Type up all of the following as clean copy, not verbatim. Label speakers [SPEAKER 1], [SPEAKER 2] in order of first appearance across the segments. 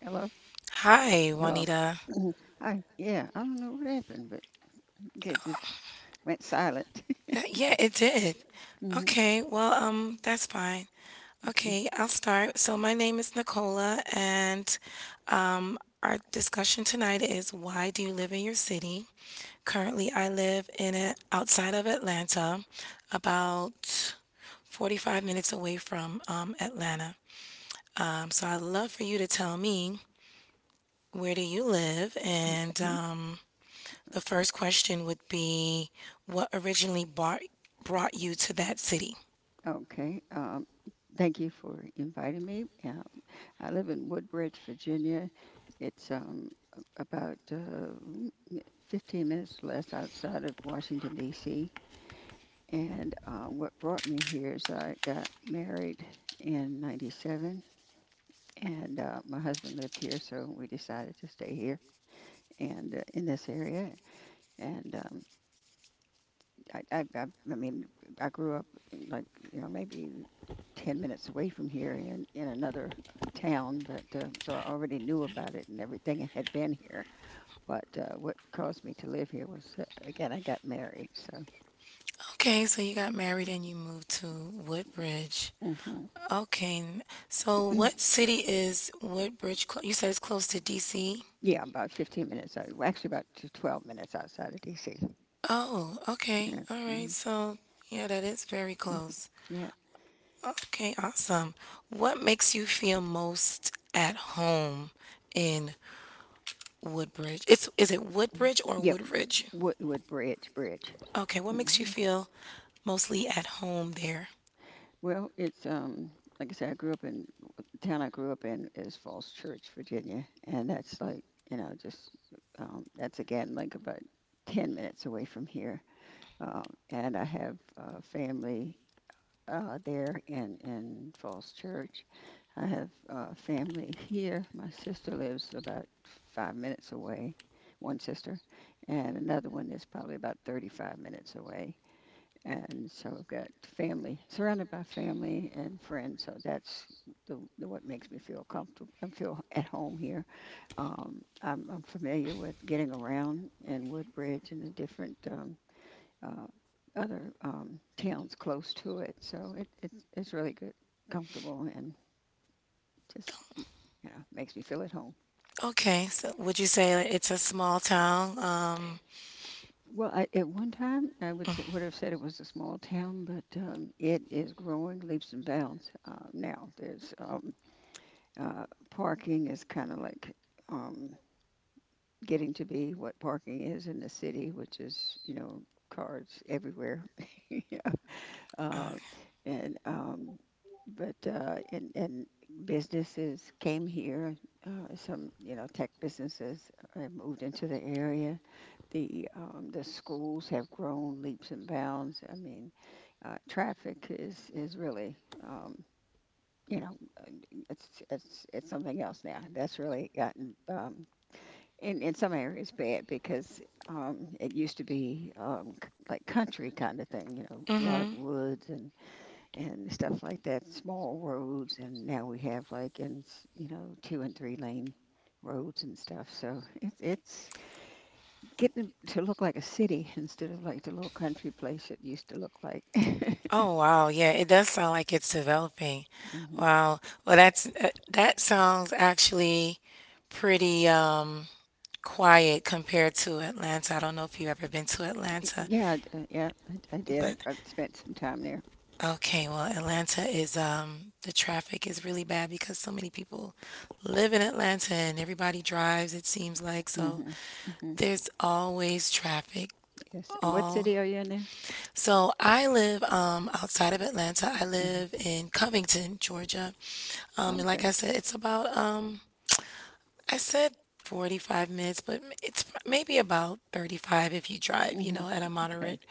[SPEAKER 1] Hello?
[SPEAKER 2] Hi,
[SPEAKER 1] Hello?
[SPEAKER 2] Juanita.
[SPEAKER 1] Mhm. Hi. Yeah, I don't know what happened, but okay, it just went silent.
[SPEAKER 2] That, yeah, it did.
[SPEAKER 1] hmm
[SPEAKER 2] Okay, well, that's fine.
[SPEAKER 1] Okay.
[SPEAKER 2] Okay, I'll start. So my name is Nicola, and our discussion tonight is, why do you live in your city? Currently, I live in it outside of Atlanta, about 45 minutes away from Atlanta. So I'd love for you to tell me, where do you live? And
[SPEAKER 1] Okay.
[SPEAKER 2] the first question would be, what originally brought you to that city?
[SPEAKER 1] Okay. Thank you for inviting me. I live in Woodbridge, Virginia. It's about 15 minutes less outside of Washington, D.C. And What brought me here is I got married in 97, and my husband lived here, so we decided to stay here. And in this area. And I, I, I, I mean, I grew up in maybe 10 minutes away from here in another town, but so I already knew about it and everything and had been here. But what caused me to live here was again, I got married, so.
[SPEAKER 2] Okay, so you got married and you moved to Woodbridge.
[SPEAKER 1] Hmm
[SPEAKER 2] Okay, so what city is Woodbridge? You said it's close to DC?
[SPEAKER 1] Yeah, about 15 minutes. Well, actually, about 12 minutes outside of DC.
[SPEAKER 2] Oh, okay.
[SPEAKER 1] Yeah.
[SPEAKER 2] All
[SPEAKER 1] hmm
[SPEAKER 2] right. So, yeah, that is very close.
[SPEAKER 1] Yeah.
[SPEAKER 2] Okay, awesome. What makes you feel most at home in Woodbridge? It's, is it Woodbridge or
[SPEAKER 1] Yeah.
[SPEAKER 2] Woodridge?
[SPEAKER 1] Woodbridge Bridge.
[SPEAKER 2] Okay, what makes you feel mostly at home there?
[SPEAKER 1] Well, it's like I said, I grew up in the town I grew up in is Falls Church, Virginia, and that's like you know just that's again like about 10 minutes away from here, and I have family there in Falls Church. I have family here. My sister lives about 5 minutes away, one sister, and another one is probably about 35 minutes away. And so surrounded by family and friends. So that's the what makes me feel comfortable. I feel at home here. I'm familiar with getting around in Woodbridge and the different uh, other towns close to it. So it's really good, comfortable, and just makes me feel at home.
[SPEAKER 2] Okay, so would you say that it's a small town? Um,
[SPEAKER 1] Well, I, at one time, I would would have said it was a small town, but it is growing leaps and bounds now. There's Parking is kind of like um, getting to be what parking is in the city, which is, you know, cars everywhere. yeah. Uh, and, um, and businesses came here. Some, you know, tech businesses moved into the area. The schools have grown leaps and bounds. I mean, traffic is really, um, you know, uh, it's something else now. That's really gotten in some areas bad because it used to be like country kind of thing. You know, a lot of
[SPEAKER 2] mm-hmm.
[SPEAKER 1] woods and stuff like that, small roads, and now we have like in s- you know two and three lane roads and stuff. So it's getting to look like a city instead of like the little country place it used to look like.
[SPEAKER 2] Oh wow, yeah, it does sound like it's developing.
[SPEAKER 1] hmm
[SPEAKER 2] Wow. Well, that's that sounds actually pretty quiet compared to Atlanta. I don't know if you've ever been to Atlanta,
[SPEAKER 1] Yeah, I did.
[SPEAKER 2] but
[SPEAKER 1] I spent some time there.
[SPEAKER 2] okay, well, Atlanta is the traffic is really bad because so many people live in Atlanta and everybody drives, it seems like. So
[SPEAKER 1] Mm-hmm. Mm-hmm.
[SPEAKER 2] there's always traffic
[SPEAKER 1] Yes. And what city
[SPEAKER 2] all.
[SPEAKER 1] are you in there?
[SPEAKER 2] So I live outside of Atlanta. I
[SPEAKER 1] Mm-hmm.
[SPEAKER 2] live in Covington, Georgia.
[SPEAKER 1] Oh,
[SPEAKER 2] And
[SPEAKER 1] okay.
[SPEAKER 2] like I said, it's about I said 45 minutes, but it's maybe about 35 if you drive, you
[SPEAKER 1] Mm-hmm.
[SPEAKER 2] know, at a
[SPEAKER 1] Okay.
[SPEAKER 2] moderate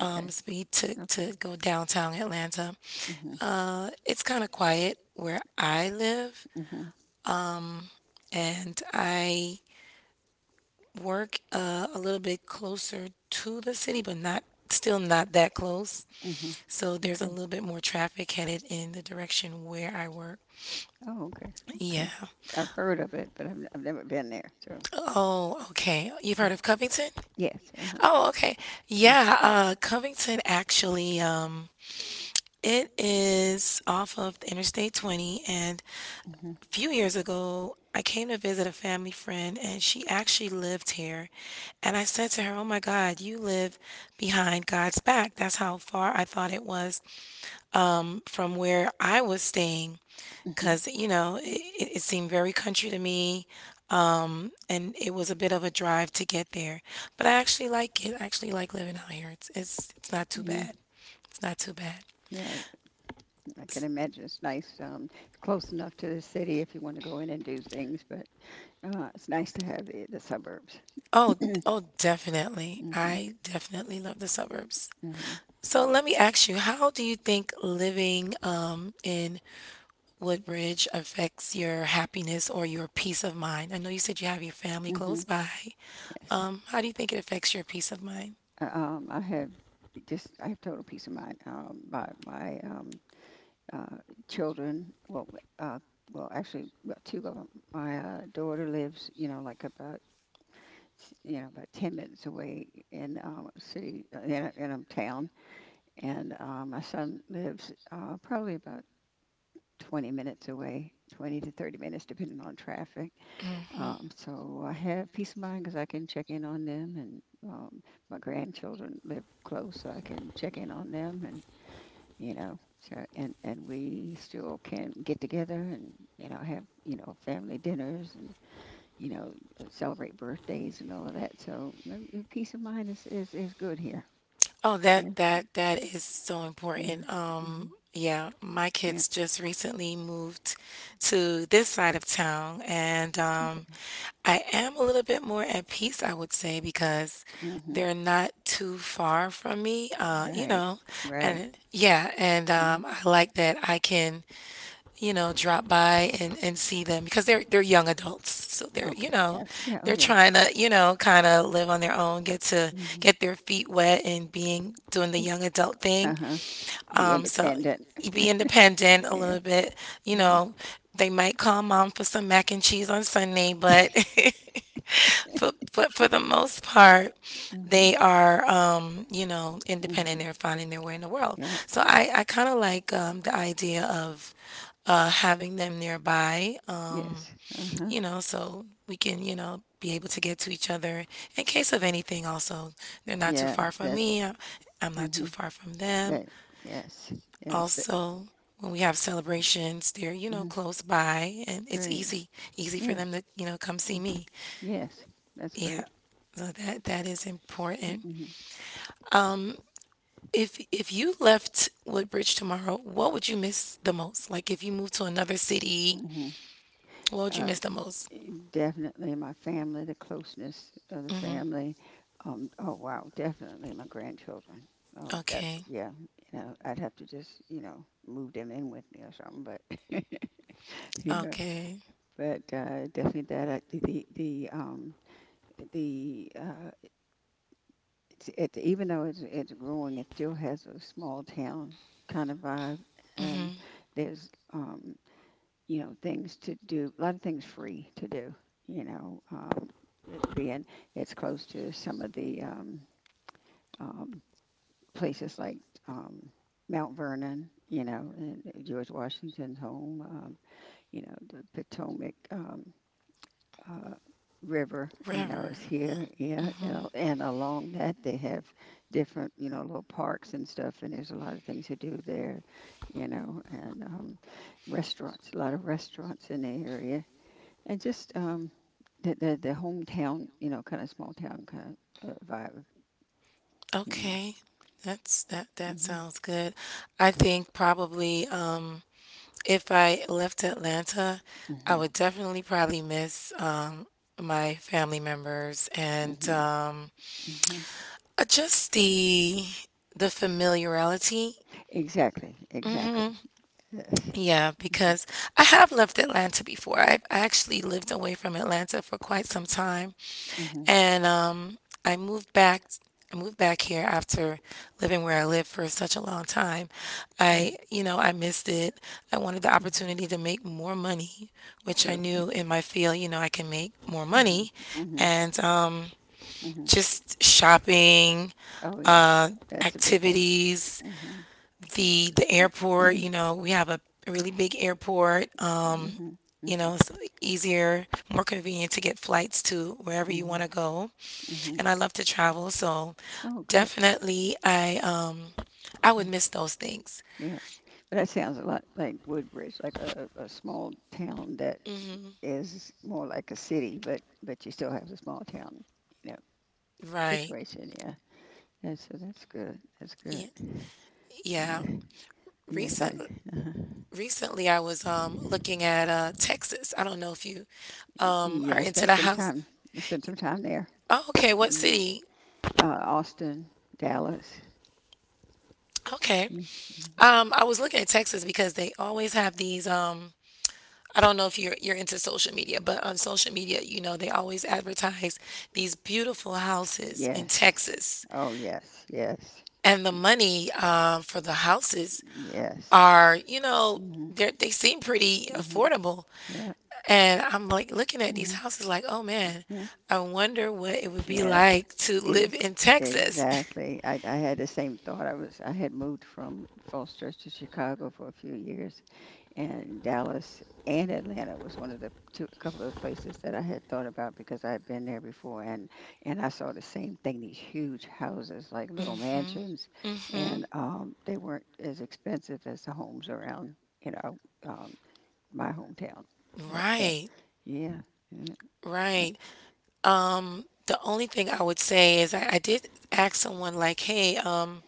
[SPEAKER 1] Okay.
[SPEAKER 2] speed to
[SPEAKER 1] Okay.
[SPEAKER 2] go downtown Atlanta.
[SPEAKER 1] Mm-hmm.
[SPEAKER 2] It's kind of quiet where I live.
[SPEAKER 1] Mm-hmm.
[SPEAKER 2] Um, and I work a little bit closer to the city, but not still not that close.
[SPEAKER 1] Mm-hmm.
[SPEAKER 2] So there's a
[SPEAKER 1] Okay.
[SPEAKER 2] little bit more traffic headed in the direction where I work.
[SPEAKER 1] Oh, okay.
[SPEAKER 2] Yeah.
[SPEAKER 1] Okay. I've heard of it, but I've never been there. So,
[SPEAKER 2] Oh, okay. You've heard of Covington?
[SPEAKER 1] yes. Uh-huh.
[SPEAKER 2] Oh, okay.
[SPEAKER 1] Yeah.
[SPEAKER 2] Yeah, Covington actually, it is off of Interstate 20, and
[SPEAKER 1] Mm-hmm.
[SPEAKER 2] few years ago, I came to visit a family friend and she actually lived here. And I said to her, "Oh my God, you live behind God's back." That's how far I thought it was from where I was staying.
[SPEAKER 1] Mm-hmm.
[SPEAKER 2] Because, you know, it seemed very country to me. And it was a bit of a drive to get there. But I actually like it. I actually like living out here. It's not too
[SPEAKER 1] Yeah.
[SPEAKER 2] bad. It's not too bad.
[SPEAKER 1] Yeah. I can imagine it's nice. It's close enough to the city if you want to go in and do things, but it's nice to have the suburbs.
[SPEAKER 2] Oh, oh, definitely.
[SPEAKER 1] Mm-hmm.
[SPEAKER 2] I definitely love the suburbs.
[SPEAKER 1] Mm-hmm.
[SPEAKER 2] So let me ask you, how do you think living in Woodbridge affects your happiness or your peace of mind? I know you said you have your family
[SPEAKER 1] Mm-hmm.
[SPEAKER 2] close by.
[SPEAKER 1] Yes.
[SPEAKER 2] How do you think it affects your peace of mind?
[SPEAKER 1] I have just I have total peace of mind. My my uh, children, uh, well, actually, two of them. My daughter lives, you know, like about about 10 minutes away in a city in a town, and my son lives probably about 20 minutes away, 20 to 30 minutes, depending on traffic.
[SPEAKER 2] Hmm.
[SPEAKER 1] So I have peace of mind because I can check in on them, and um, my grandchildren live close, so I can check in on them, and you know, so and we still can get together and you know have you know family dinners and you know celebrate birthdays and all of that. So peace of mind is good here.
[SPEAKER 2] Oh,
[SPEAKER 1] Yeah.
[SPEAKER 2] that that is so
[SPEAKER 1] hmm
[SPEAKER 2] important.
[SPEAKER 1] hmm
[SPEAKER 2] Yeah, my
[SPEAKER 1] Yeah.
[SPEAKER 2] kids just recently moved to this side of town, and
[SPEAKER 1] Okay.
[SPEAKER 2] I am a little bit more at peace, I would say, because
[SPEAKER 1] hmm
[SPEAKER 2] they're not too far from me, you
[SPEAKER 1] Right.
[SPEAKER 2] know,
[SPEAKER 1] Right.
[SPEAKER 2] and yeah, and
[SPEAKER 1] hmm
[SPEAKER 2] I like that I can, you know, drop by and see them because they're young adults, so they're, you
[SPEAKER 1] Okay.
[SPEAKER 2] know,
[SPEAKER 1] Yeah. Yeah. Oh
[SPEAKER 2] they're
[SPEAKER 1] yeah.
[SPEAKER 2] trying to, you know, kind of live on their own, get to
[SPEAKER 1] hmm
[SPEAKER 2] get their feet wet and being doing the young adult
[SPEAKER 1] Uh
[SPEAKER 2] thing.
[SPEAKER 1] huh. Be
[SPEAKER 2] So
[SPEAKER 1] independent.
[SPEAKER 2] you be independent a
[SPEAKER 1] Yeah.
[SPEAKER 2] little bit. You
[SPEAKER 1] Mm-hmm.
[SPEAKER 2] know, they might call mom for some mac and cheese on Sunday, but but for the most part, they
[SPEAKER 1] Mm-hmm.
[SPEAKER 2] are you know, independent.
[SPEAKER 1] Mm-hmm.
[SPEAKER 2] They're finding their way in the world.
[SPEAKER 1] Yeah.
[SPEAKER 2] So I kind of like the idea of having them nearby.
[SPEAKER 1] Yes. Uh-huh.
[SPEAKER 2] You know, so we can, you know, be able to get to each other in case of anything. Also, they're not too
[SPEAKER 1] Yeah.
[SPEAKER 2] far from
[SPEAKER 1] That.
[SPEAKER 2] me. I'm not too
[SPEAKER 1] Mm-hmm.
[SPEAKER 2] far from them.
[SPEAKER 1] That. Yes. Yes. That.
[SPEAKER 2] Also, when we have celebrations, they're, you know,
[SPEAKER 1] Mm-hmm.
[SPEAKER 2] close by and it's
[SPEAKER 1] Great.
[SPEAKER 2] easy easy for
[SPEAKER 1] Yeah.
[SPEAKER 2] them to, you know, come see
[SPEAKER 1] Mm-hmm.
[SPEAKER 2] me.
[SPEAKER 1] Yes. That's
[SPEAKER 2] Yeah.
[SPEAKER 1] great.
[SPEAKER 2] So that is important.
[SPEAKER 1] Mm-hmm.
[SPEAKER 2] Um, if you left Woodbridge tomorrow, what would you miss the most? Like, if you moved to another city,
[SPEAKER 1] Mm-hmm.
[SPEAKER 2] what would you
[SPEAKER 1] Uh,
[SPEAKER 2] miss the most?
[SPEAKER 1] e- definitely my family, the closeness of the
[SPEAKER 2] Mhm.
[SPEAKER 1] family. Oh wow. Definitely my grandchildren. Oh, that.
[SPEAKER 2] Okay.
[SPEAKER 1] Yeah. You know, I'd have to just you know move them in with me or something, but. Yeah,
[SPEAKER 2] Okay.
[SPEAKER 1] but definitely that the It's, even though it's growing, it still has a small town kind of vibe, and
[SPEAKER 2] Mhm.
[SPEAKER 1] there's you know things to do, a lot of things free to do. You know, it being it's close to some of the um, places like um, Mount Vernon, you know, and George Washington's home, you know, the Potomac. Uh, River, you know,
[SPEAKER 2] River.
[SPEAKER 1] is here. Yeah, you know,
[SPEAKER 2] Mhm.
[SPEAKER 1] and along that they have different, you know, little parks and stuff, and there's a lot of things to do there, you know, and restaurants, a lot of restaurants in the area, and just the the hometown, you know, kind of small town kind of vibe. Yeah.
[SPEAKER 2] Okay. That's that that
[SPEAKER 1] hmm
[SPEAKER 2] sounds good. I think probably if I left Atlanta, I
[SPEAKER 1] hmm
[SPEAKER 2] would definitely probably miss my family members and
[SPEAKER 1] hmm hmm
[SPEAKER 2] just the familiarity.
[SPEAKER 1] Exactly. Exactly.
[SPEAKER 2] Hmm. Yeah, because I have left Atlanta before. I actually lived away from Atlanta for quite some time.
[SPEAKER 1] hmm hmm
[SPEAKER 2] And I moved back. I moved back here after living where I lived for such a long time. I, you know, I missed it. I wanted the opportunity to make more money, which I
[SPEAKER 1] True.
[SPEAKER 2] knew in my field, you know, I can make more
[SPEAKER 1] Hmm
[SPEAKER 2] money,
[SPEAKER 1] hmm
[SPEAKER 2] and
[SPEAKER 1] hmm
[SPEAKER 2] just shopping,
[SPEAKER 1] Oh yeah,
[SPEAKER 2] uh,
[SPEAKER 1] that's a big thing.
[SPEAKER 2] activities,
[SPEAKER 1] Hmm
[SPEAKER 2] the airport. You know, we have a really big airport.
[SPEAKER 1] hmm
[SPEAKER 2] You know,
[SPEAKER 1] hmm
[SPEAKER 2] it's easier, more convenient to get flights to wherever you
[SPEAKER 1] hmm
[SPEAKER 2] want to go
[SPEAKER 1] hmm
[SPEAKER 2] and I love to travel, so
[SPEAKER 1] Oh good.
[SPEAKER 2] definitely I would
[SPEAKER 1] Mm,
[SPEAKER 2] miss those things.
[SPEAKER 1] yeah, but that sounds a lot like Woodbridge, like a small town that
[SPEAKER 2] Hmm.
[SPEAKER 1] is more like a city, but you still have the small town, you know,
[SPEAKER 2] Right.
[SPEAKER 1] situation. Yeah. That's, so that's good. That's
[SPEAKER 2] Yeah.
[SPEAKER 1] good.
[SPEAKER 2] Yeah.
[SPEAKER 1] Yeah. Yes,
[SPEAKER 2] Recent
[SPEAKER 1] I. uh
[SPEAKER 2] recently I was looking at Texas. I don't know if you are
[SPEAKER 1] Yeah, I
[SPEAKER 2] into
[SPEAKER 1] spent
[SPEAKER 2] the
[SPEAKER 1] some
[SPEAKER 2] house.
[SPEAKER 1] time. There.
[SPEAKER 2] Oh, okay, what
[SPEAKER 1] Mm.
[SPEAKER 2] city?
[SPEAKER 1] Austin, Dallas.
[SPEAKER 2] Okay.
[SPEAKER 1] Mm-hmm.
[SPEAKER 2] Um, I was looking at Texas because they always have these I don't know if you're into social media, but on social media, you know, they always advertise these beautiful houses in
[SPEAKER 1] Yes.
[SPEAKER 2] Texas.
[SPEAKER 1] Oh, yes. Yes.
[SPEAKER 2] And the
[SPEAKER 1] Y-
[SPEAKER 2] money for the houses
[SPEAKER 1] Yes.
[SPEAKER 2] are, you know,
[SPEAKER 1] Mhm.
[SPEAKER 2] they seem pretty
[SPEAKER 1] Mhm.
[SPEAKER 2] affordable.
[SPEAKER 1] Yeah.
[SPEAKER 2] And I'm like looking at these
[SPEAKER 1] Mhm.
[SPEAKER 2] houses, like, oh man,
[SPEAKER 1] Mhm.
[SPEAKER 2] I wonder what it would be
[SPEAKER 1] Yeah.
[SPEAKER 2] like to live
[SPEAKER 1] Ex-
[SPEAKER 2] in Texas.
[SPEAKER 1] exactly. I had the same thought. I had moved from Falls Church to Chicago for a few years, and Dallas and Atlanta was one of the two, a couple of the places that I had thought about because I had been there before, and I saw the same thing, these huge houses, like little
[SPEAKER 2] Hmm.
[SPEAKER 1] mansions,
[SPEAKER 2] Mhm.
[SPEAKER 1] and they weren't as expensive as the homes around, you know, um, my hometown. That,
[SPEAKER 2] Right,
[SPEAKER 1] yeah, yeah.
[SPEAKER 2] right. The only thing I would say is I did ask someone like, hey,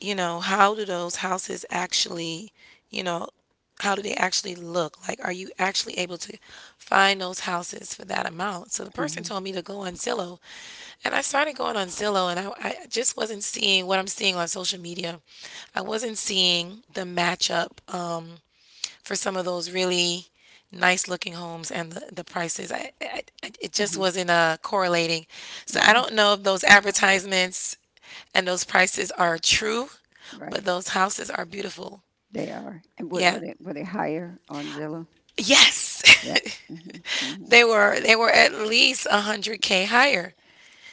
[SPEAKER 2] you know, how do those houses actually, you know, how do they actually look? Like, are you actually able to find those houses for that amount? So the person
[SPEAKER 1] hmm
[SPEAKER 2] told me to go on Zillow, and I started going on Zillow, and I just wasn't seeing what I'm seeing on social media. I wasn't seeing the matchup for some of those really nice looking homes and the prices. It just
[SPEAKER 1] hmm
[SPEAKER 2] wasn't correlating. So I
[SPEAKER 1] okay,
[SPEAKER 2] don't know if those advertisements and those prices are true, but
[SPEAKER 1] right,
[SPEAKER 2] those houses are beautiful.
[SPEAKER 1] they are. And what,
[SPEAKER 2] Yeah.
[SPEAKER 1] were they higher on Zillow?
[SPEAKER 2] Yes.
[SPEAKER 1] Yeah. hmm hmm
[SPEAKER 2] They were at least 100K higher.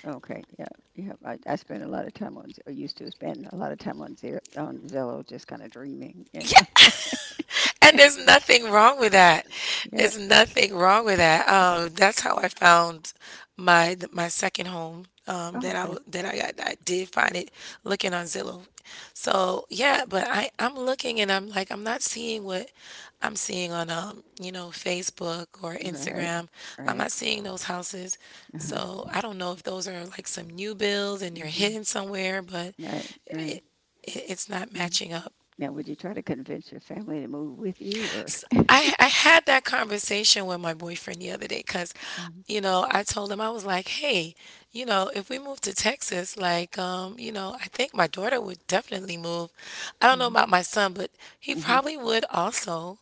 [SPEAKER 1] Okay, yeah. I spend a lot of time on, Z- or used to spend a lot of time on Zer on Zillow, just kind of dreaming, you know.
[SPEAKER 2] And there's nothing wrong with that.
[SPEAKER 1] Yeah.
[SPEAKER 2] There's nothing wrong with that. That's how I found my second home.
[SPEAKER 1] Oh, okay.
[SPEAKER 2] That I got. I did find it looking on Zillow. So yeah, but I'm looking and I'm like I'm not seeing what I'm seeing on you know, Facebook or
[SPEAKER 1] Right.
[SPEAKER 2] Instagram. I'm
[SPEAKER 1] Right.
[SPEAKER 2] not seeing those houses.
[SPEAKER 1] Uh-huh.
[SPEAKER 2] So I don't know if those are like some new builds and they're
[SPEAKER 1] hmm
[SPEAKER 2] hidden somewhere, but
[SPEAKER 1] Right. Right.
[SPEAKER 2] it, it it's not
[SPEAKER 1] Uh,
[SPEAKER 2] matching up.
[SPEAKER 1] Now, would you try to convince your family to move with you, or?
[SPEAKER 2] S I had that conversation with my boyfriend the other day because,
[SPEAKER 1] Mhm,
[SPEAKER 2] you know, I told him I was like, "Hey, you know, if we move to Texas, like, you know, I think my daughter would definitely move. I don't know
[SPEAKER 1] mhm,
[SPEAKER 2] about my son, but he
[SPEAKER 1] mhm.
[SPEAKER 2] probably would also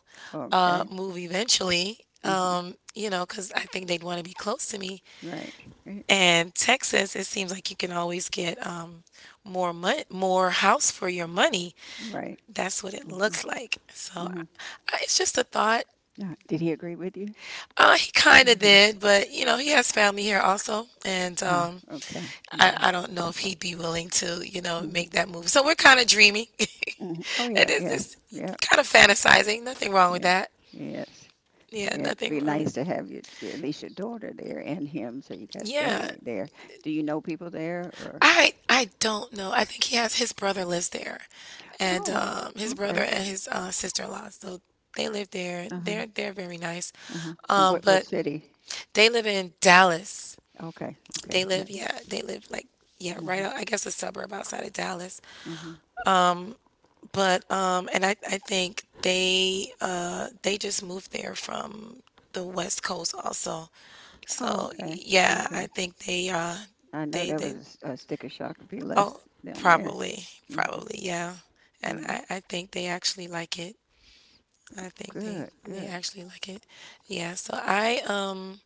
[SPEAKER 1] Okay.
[SPEAKER 2] move eventually.
[SPEAKER 1] hmm
[SPEAKER 2] You know, because I think they'd want to be close to me.
[SPEAKER 1] Right. Right.
[SPEAKER 2] And Texas, it seems like you can always get more house for your money."
[SPEAKER 1] Right.
[SPEAKER 2] That's what it
[SPEAKER 1] hmm
[SPEAKER 2] looks like. So
[SPEAKER 1] hmm
[SPEAKER 2] it's just a thought.
[SPEAKER 1] Did he agree with you?
[SPEAKER 2] He kind of
[SPEAKER 1] Anybody?
[SPEAKER 2] did, but you know, he has family here also, and
[SPEAKER 1] Ah, okay. hmm
[SPEAKER 2] I don't know if he'd be willing to, you know,
[SPEAKER 1] hmm
[SPEAKER 2] make that move. So we're kind of dreaming.
[SPEAKER 1] hmm Oh,
[SPEAKER 2] It
[SPEAKER 1] yeah.
[SPEAKER 2] is,
[SPEAKER 1] Yeah.
[SPEAKER 2] it's
[SPEAKER 1] Yeah.
[SPEAKER 2] kind of fantasizing. Nothing wrong with
[SPEAKER 1] Yeah.
[SPEAKER 2] that.
[SPEAKER 1] Yes.
[SPEAKER 2] Yeah,
[SPEAKER 1] Yeah, it'd
[SPEAKER 2] nothing
[SPEAKER 1] be
[SPEAKER 2] wrong with.
[SPEAKER 1] nice to have your- at least your daughter there and him, so you got
[SPEAKER 2] Yeah.
[SPEAKER 1] family there. Do you know people there or?
[SPEAKER 2] I don't know. I think he has his brother lives there, and
[SPEAKER 1] Oh,
[SPEAKER 2] his brother
[SPEAKER 1] okay.
[SPEAKER 2] and his sister-in-law. So they live there.
[SPEAKER 1] Uh-huh.
[SPEAKER 2] They're very nice.
[SPEAKER 1] Uh-huh. And what
[SPEAKER 2] But
[SPEAKER 1] city?
[SPEAKER 2] they live in Dallas.
[SPEAKER 1] Okay.
[SPEAKER 2] They
[SPEAKER 1] Okay. Yeah.
[SPEAKER 2] live, yeah. They live like, yeah, right.
[SPEAKER 1] hmm
[SPEAKER 2] I guess a suburb outside of Dallas.
[SPEAKER 1] hmm
[SPEAKER 2] Um, but and I think they just moved there from the West Coast also.
[SPEAKER 1] Oh,
[SPEAKER 2] So
[SPEAKER 1] okay.
[SPEAKER 2] yeah, I
[SPEAKER 1] Okay.
[SPEAKER 2] think they
[SPEAKER 1] I know
[SPEAKER 2] they
[SPEAKER 1] there
[SPEAKER 2] they
[SPEAKER 1] was a sticker shock to be less
[SPEAKER 2] oh
[SPEAKER 1] down there.
[SPEAKER 2] probably
[SPEAKER 1] Hmm
[SPEAKER 2] probably, yeah, and
[SPEAKER 1] hmm
[SPEAKER 2] I think they actually like it. I think
[SPEAKER 1] Good.
[SPEAKER 2] they
[SPEAKER 1] Good.
[SPEAKER 2] actually like it. Yeah, so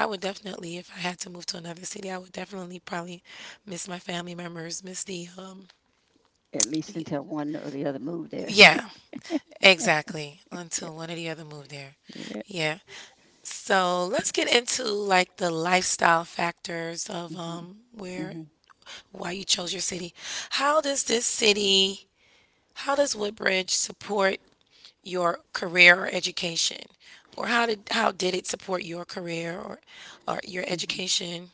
[SPEAKER 2] I would definitely, if I had to move to another city, I would definitely probably miss my family members, miss the
[SPEAKER 1] At least
[SPEAKER 2] y-
[SPEAKER 1] until one or the other moved there.
[SPEAKER 2] yeah, exactly,
[SPEAKER 1] Yeah.
[SPEAKER 2] until one or the other moved there.
[SPEAKER 1] Yeah.
[SPEAKER 2] Yeah. So let's get into like the lifestyle factors of
[SPEAKER 1] hmm
[SPEAKER 2] where
[SPEAKER 1] hmm
[SPEAKER 2] why you chose your city. How does this city, how does Woodbridge support your career or education? Or how did it support your career or your
[SPEAKER 1] hmm
[SPEAKER 2] education?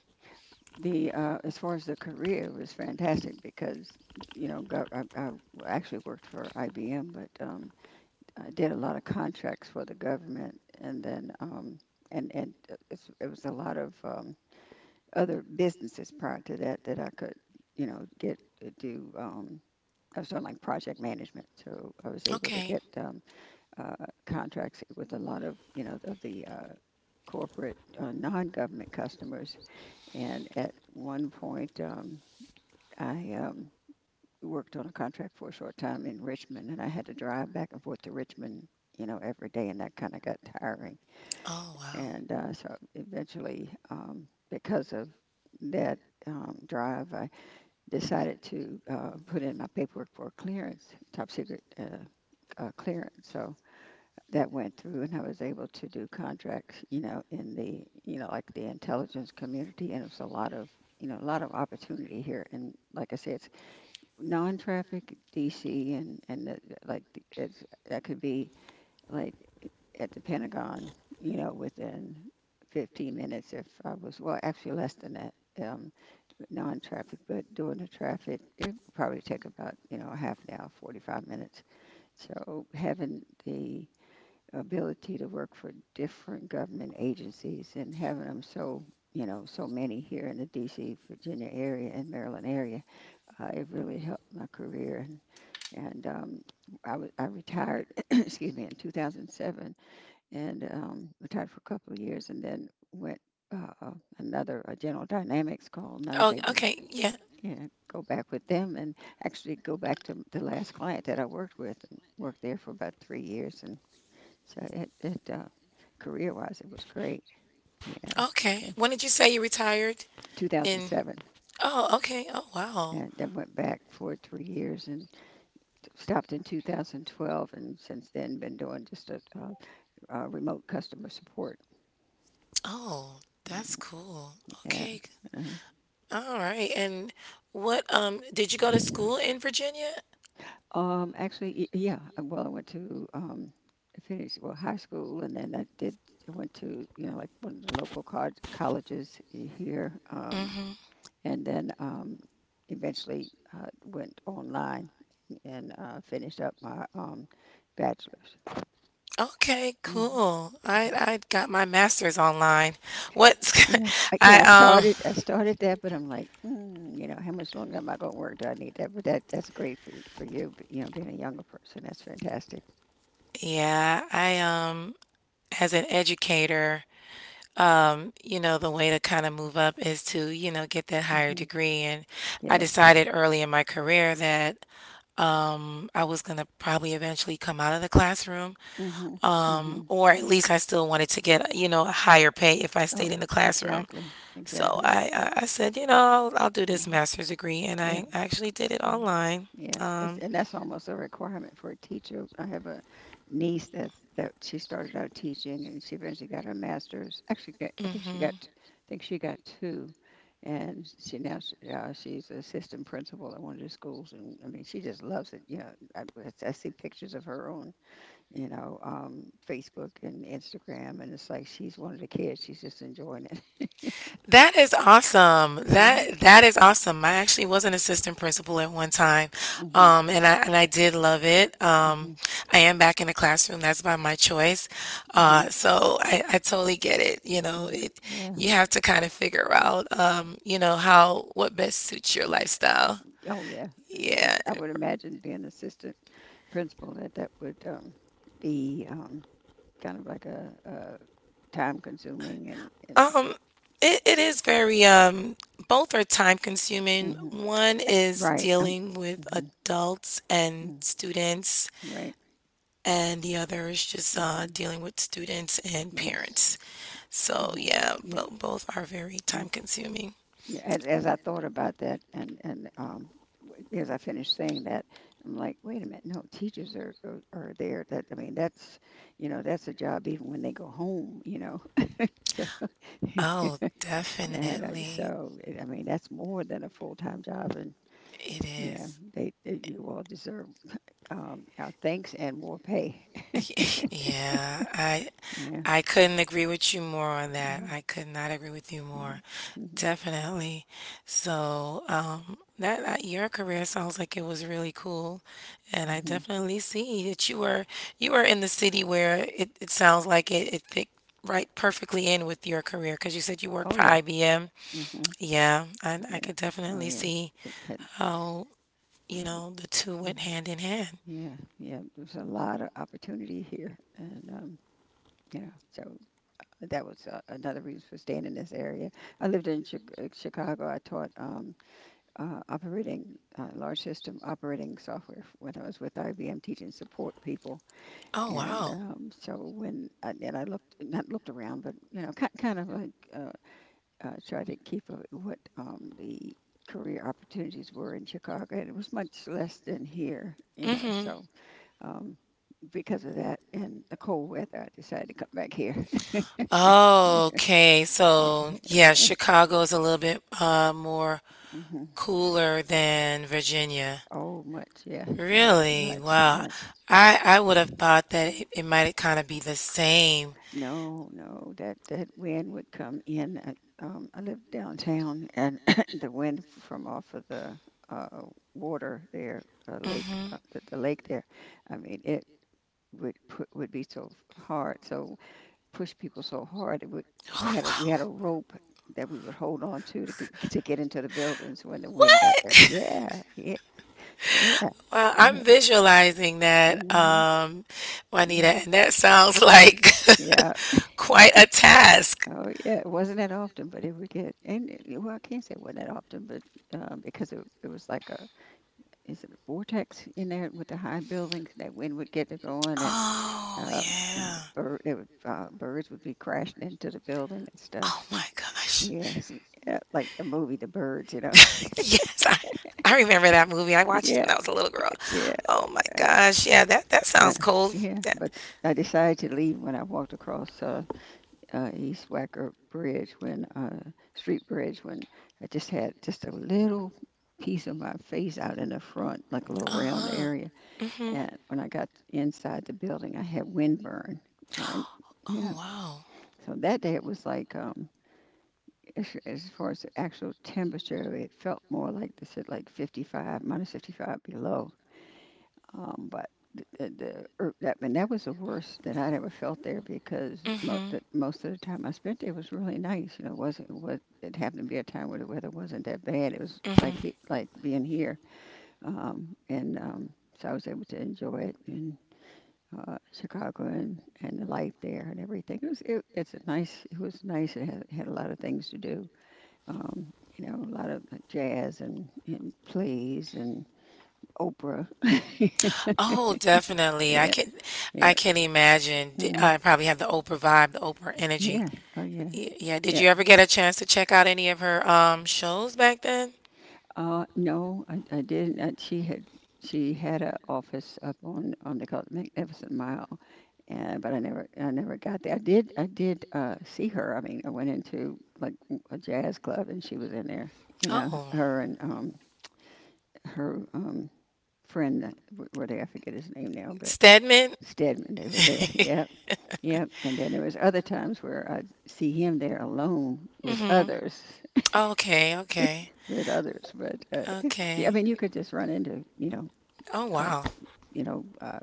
[SPEAKER 1] the as far as the career, it was fantastic because you know I actually worked for IBM, but I did a lot of contracts for the government, and then and it's, it was a lot of other businesses prior to that that I could you know get to do. I was doing like project management, so I was able to
[SPEAKER 2] Okay.
[SPEAKER 1] get uh, contracts with a lot of you know of the corporate non-government customers, and at one point, I worked on a contract for a short time in Richmond, and I had to drive back and forth to Richmond, you know, every day, and that kind of got tiring.
[SPEAKER 2] Oh, wow.
[SPEAKER 1] And so eventually, because of that drive, I decided to put in my paperwork for clearance, top secret clearance. So that went through and I was able to do contracts, you know, in the, you know, like the intelligence community. And it's a lot of, you know, a lot of opportunity here. And like I said, it's non-traffic DC, and the, like it's, that could be like at the Pentagon, you know, within 15 minutes if I was, well, actually less than that. Um, Non-traffic, but doing the traffic, it would probably take about, you know, a half an hour, 45 minutes. So having the ability to work for different government agencies and having so many here in the DC, Virginia area and Maryland area, it really helped my career. And um, I retired, excuse me, in 2007 and retired for a couple of years and then went
[SPEAKER 2] Hello.
[SPEAKER 1] uh, another a General Dynamics call, and I was
[SPEAKER 2] Oh,
[SPEAKER 1] able to,
[SPEAKER 2] okay. Yeah.
[SPEAKER 1] yeah, go back with them and actually go back to the last client that I worked with and worked there for about 3 years. And so it career wise, it was great, you know.
[SPEAKER 2] Okay.
[SPEAKER 1] So
[SPEAKER 2] When did you say you retired? In.
[SPEAKER 1] 2007,
[SPEAKER 2] Oh, okay. Oh, wow.
[SPEAKER 1] and then went back for 3 years and stopped in 2012, and since then been doing just remote customer support.
[SPEAKER 2] Oh, that's
[SPEAKER 1] Mm,
[SPEAKER 2] cool.
[SPEAKER 1] yeah.
[SPEAKER 2] Okay.
[SPEAKER 1] uh
[SPEAKER 2] All right. And what did you go to school in Virginia?
[SPEAKER 1] Actually, yeah. Well, I went to I finished well high school, and then I did. I went to, you know, like one of the local colleges here,
[SPEAKER 2] Mm-hmm.
[SPEAKER 1] and then eventually, went online and, finished up my, bachelor's.
[SPEAKER 2] Okay,
[SPEAKER 1] Mhm.
[SPEAKER 2] cool. I got my master's online. What's
[SPEAKER 1] Yeah.
[SPEAKER 2] I
[SPEAKER 1] I started that, but I'm like, mm, you know, how much longer am I going to work? Do I need that? But that's great for you, you know, being a younger person. That's fantastic.
[SPEAKER 2] yeah, I as an educator, you know, the way to kind of move up is to, you know, get that higher
[SPEAKER 1] Hmm.
[SPEAKER 2] degree. And I
[SPEAKER 1] Yes.
[SPEAKER 2] decided early in my career that I was gonna probably eventually come out of the classroom,
[SPEAKER 1] Hmm. Hmm.
[SPEAKER 2] or at least I still wanted to get, you know, a higher pay if I stayed
[SPEAKER 1] Oh,
[SPEAKER 2] in the classroom.
[SPEAKER 1] exactly,
[SPEAKER 2] So
[SPEAKER 1] exactly.
[SPEAKER 2] I said, you know, I'll do this
[SPEAKER 1] Hmm.
[SPEAKER 2] master's degree, and
[SPEAKER 1] Yeah.
[SPEAKER 2] I actually did it
[SPEAKER 1] Mm-hmm.
[SPEAKER 2] online.
[SPEAKER 1] Yeah, it's,
[SPEAKER 2] Um,
[SPEAKER 1] and that's almost a requirement for a teacher. I have a niece that she started out teaching, and she eventually got her master's. Actually, got, I think she got,
[SPEAKER 2] mhm.
[SPEAKER 1] I think she got two, and she's an assistant principal at one of the schools. And I mean, she just loves it. You know, I see pictures of her on, you know, Facebook and Instagram, and it's like she's one of the kids. She's just enjoying it.
[SPEAKER 2] That is awesome.
[SPEAKER 1] Hmm.
[SPEAKER 2] That is awesome. I actually was an assistant principal at one time,
[SPEAKER 1] Hmm.
[SPEAKER 2] and I did love it.
[SPEAKER 1] Hmm.
[SPEAKER 2] I am back in the classroom. That's by my choice.
[SPEAKER 1] Hmm.
[SPEAKER 2] So I totally get it. You know,
[SPEAKER 1] Hmm.
[SPEAKER 2] it
[SPEAKER 1] Yeah.
[SPEAKER 2] you have to kind of figure out, you know, how what best suits your lifestyle.
[SPEAKER 1] Oh, yeah. Yeah.
[SPEAKER 2] Yeah.
[SPEAKER 1] I would imagine being assistant principal that that would, be, kind of like a time consuming, and
[SPEAKER 2] Um, it is very um, both are time consuming.
[SPEAKER 1] mhm.
[SPEAKER 2] One is
[SPEAKER 1] Right.
[SPEAKER 2] dealing with
[SPEAKER 1] Mhm,
[SPEAKER 2] adults and
[SPEAKER 1] mm,
[SPEAKER 2] students,
[SPEAKER 1] right.
[SPEAKER 2] and the other is just
[SPEAKER 1] Hmm.
[SPEAKER 2] dealing with students and
[SPEAKER 1] Yes.
[SPEAKER 2] parents. So,
[SPEAKER 1] Hmm.
[SPEAKER 2] yeah,
[SPEAKER 1] Yeah.
[SPEAKER 2] but both are very
[SPEAKER 1] Yeah.
[SPEAKER 2] time consuming.
[SPEAKER 1] As I thought about that and as I finished saying that, I'm like, wait a minute. No, teachers are there. That I mean, that's, you know, that's a job even when they go home, you know. So,
[SPEAKER 2] Oh,
[SPEAKER 1] and
[SPEAKER 2] definitely.
[SPEAKER 1] I mean, that's more than a full time job. And
[SPEAKER 2] It
[SPEAKER 1] yeah,
[SPEAKER 2] is.
[SPEAKER 1] they you all deserve, our thanks and more pay.
[SPEAKER 2] Yeah, I
[SPEAKER 1] Yeah.
[SPEAKER 2] I couldn't agree with you more on that.
[SPEAKER 1] Mhm,
[SPEAKER 2] I could not agree with you
[SPEAKER 1] yeah.
[SPEAKER 2] more.
[SPEAKER 1] Mhm,
[SPEAKER 2] Definitely. So, that, that your career sounds like it was really cool, and I
[SPEAKER 1] mhm.
[SPEAKER 2] definitely see that you were in the city where it sounds like it fit right perfectly in with your career because you said you
[SPEAKER 1] Oh
[SPEAKER 2] worked for
[SPEAKER 1] yeah.
[SPEAKER 2] IBM.
[SPEAKER 1] Hmm.
[SPEAKER 2] Yeah, I
[SPEAKER 1] Yeah.
[SPEAKER 2] could
[SPEAKER 1] Oh
[SPEAKER 2] definitely
[SPEAKER 1] yeah.
[SPEAKER 2] see
[SPEAKER 1] It had,
[SPEAKER 2] how, you
[SPEAKER 1] it,
[SPEAKER 2] know, the two went
[SPEAKER 1] mhm,
[SPEAKER 2] hand in hand.
[SPEAKER 1] yeah. Yeah. There's a lot of opportunity here, and you know, so that was, another reason for staying in this area. I lived in Chicago. I taught. Operating, large system operating software when I was with IBM teaching support people.
[SPEAKER 2] Oh
[SPEAKER 1] And
[SPEAKER 2] wow.
[SPEAKER 1] so when I, and I looked, not looked around, but you know, kind of like, tried to keep what the career opportunities were in Chicago, and it was much less than here. You know,
[SPEAKER 2] Mm-hmm.
[SPEAKER 1] so um, because of that and the cold weather, I decided to come back here.
[SPEAKER 2] Oh, okay,
[SPEAKER 1] Yeah,
[SPEAKER 2] so yeah,
[SPEAKER 1] yeah,
[SPEAKER 2] Chicago is a little bit more
[SPEAKER 1] mhm.
[SPEAKER 2] cooler than Virginia.
[SPEAKER 1] Oh, much, yeah, much,
[SPEAKER 2] Really?
[SPEAKER 1] much,
[SPEAKER 2] Wow.
[SPEAKER 1] much.
[SPEAKER 2] I would have thought that it might kind of be the same.
[SPEAKER 1] No, no, that that wind would come in. I live downtown, and the wind from off of the, uh, water there, lake,
[SPEAKER 2] Hmm
[SPEAKER 1] the lake there. I mean, it would be so hard, so push people so hard. It would.
[SPEAKER 2] Oh,
[SPEAKER 1] We
[SPEAKER 2] wow.
[SPEAKER 1] had a rope that we would hold on to to get into the buildings when the wind got there.
[SPEAKER 2] What?
[SPEAKER 1] Yeah, yeah, yeah,
[SPEAKER 2] Wow,
[SPEAKER 1] yeah.
[SPEAKER 2] I'm visualizing that,
[SPEAKER 1] Hmm.
[SPEAKER 2] Juanita, and that sounds like
[SPEAKER 1] Yeah.
[SPEAKER 2] quite a task.
[SPEAKER 1] Oh yeah, it wasn't that often, but it would get and it- well, I can't say it wasn't that often, but, because it was like a, is it a vortex in there with the high buildings? That wind would get to going, and,
[SPEAKER 2] Oh,
[SPEAKER 1] you know,
[SPEAKER 2] yeah.
[SPEAKER 1] birds would be crashing into the building and
[SPEAKER 2] Oh
[SPEAKER 1] stuff.
[SPEAKER 2] my
[SPEAKER 1] And
[SPEAKER 2] gosh.
[SPEAKER 1] yes, yeah, like the movie The Birds, you know.
[SPEAKER 2] Yes, I remember that movie. I watched it when
[SPEAKER 1] Yeah,
[SPEAKER 2] I was a little girl.
[SPEAKER 1] yeah,
[SPEAKER 2] Oh my
[SPEAKER 1] uh,
[SPEAKER 2] gosh. Yeah, that
[SPEAKER 1] yeah,
[SPEAKER 2] sounds cold.
[SPEAKER 1] yeah.
[SPEAKER 2] That,
[SPEAKER 1] But I decided to leave when I walked across. East Wacker Bridge when Street Bridge when I just had just a little piece of my face out in the front, like a little round
[SPEAKER 2] uh-huh.
[SPEAKER 1] area.
[SPEAKER 2] hmm
[SPEAKER 1] And when I got inside the building, I had windburn, and yeah.
[SPEAKER 2] Oh, wow.
[SPEAKER 1] So that day it was like, as far as the actual temperature, it felt more like they said, like 55, minus 55 below. But th- the that and that was the worst that I'd ever felt there because
[SPEAKER 2] hmm
[SPEAKER 1] that most of the time I spent there was really nice. You know, it wasn't, what it happened to be a time where the weather wasn't that bad. It was like
[SPEAKER 2] hmm
[SPEAKER 1] like being here, and so I was able to enjoy it in, Chicago and the life there and everything. It's a nice. It was nice. Had a lot of things to do. You know, a lot of like jazz and plays and Oprah. Yeah,
[SPEAKER 2] Oh, definitely.
[SPEAKER 1] yeah.
[SPEAKER 2] I can imagine.
[SPEAKER 1] Mm-hmm.
[SPEAKER 2] I probably have the Oprah vibe, the Oprah energy.
[SPEAKER 1] Yeah. Oh, yeah.
[SPEAKER 2] Yeah. Did
[SPEAKER 1] Yeah.
[SPEAKER 2] you ever get a chance to check out any of her shows back then?
[SPEAKER 1] No, I didn't. Uh, she had a office up on they call it Magnificent Mile, and but I never got there. I did, uh, see her. I mean, I went into like a jazz club and she was in there. You know,
[SPEAKER 2] Oh,
[SPEAKER 1] her and her friend that were there. I forget his name now, but
[SPEAKER 2] Stedman.
[SPEAKER 1] Stedman. They were there. Yep, yep. And then there was other times where I'd see him there alone with
[SPEAKER 2] hmm
[SPEAKER 1] others.
[SPEAKER 2] Okay. Okay.
[SPEAKER 1] With others. But it, yeah, I
[SPEAKER 2] Okay.
[SPEAKER 1] mean, you could just run into,
[SPEAKER 2] Oh,
[SPEAKER 1] uh,
[SPEAKER 2] wow.
[SPEAKER 1] you know,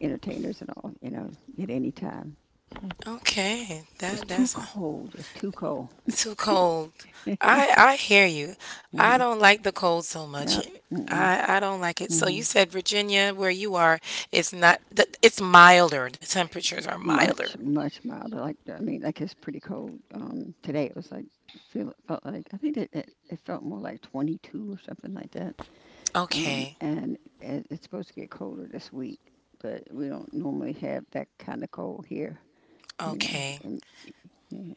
[SPEAKER 1] entertainers and all, you know, at any time. So,
[SPEAKER 2] Okay, that
[SPEAKER 1] just too
[SPEAKER 2] that's
[SPEAKER 1] cold. It's too cold.
[SPEAKER 2] too cold. I hear you. I
[SPEAKER 1] Hmm.
[SPEAKER 2] don't like the cold so much.
[SPEAKER 1] No. Mm-mm.
[SPEAKER 2] I don't like it. So
[SPEAKER 1] Hmm.
[SPEAKER 2] you said Virginia, where you are, it's not. Th- It's milder. The temperatures are milder.
[SPEAKER 1] Much, much milder. Like I mean, like it's pretty cold. Today it was like, feel it felt like, I think it felt more like 22 or something like that.
[SPEAKER 2] Okay,
[SPEAKER 1] And it's supposed to get colder this week, but we don't normally have that kind of cold here. You know,
[SPEAKER 2] okay.
[SPEAKER 1] um, yeah.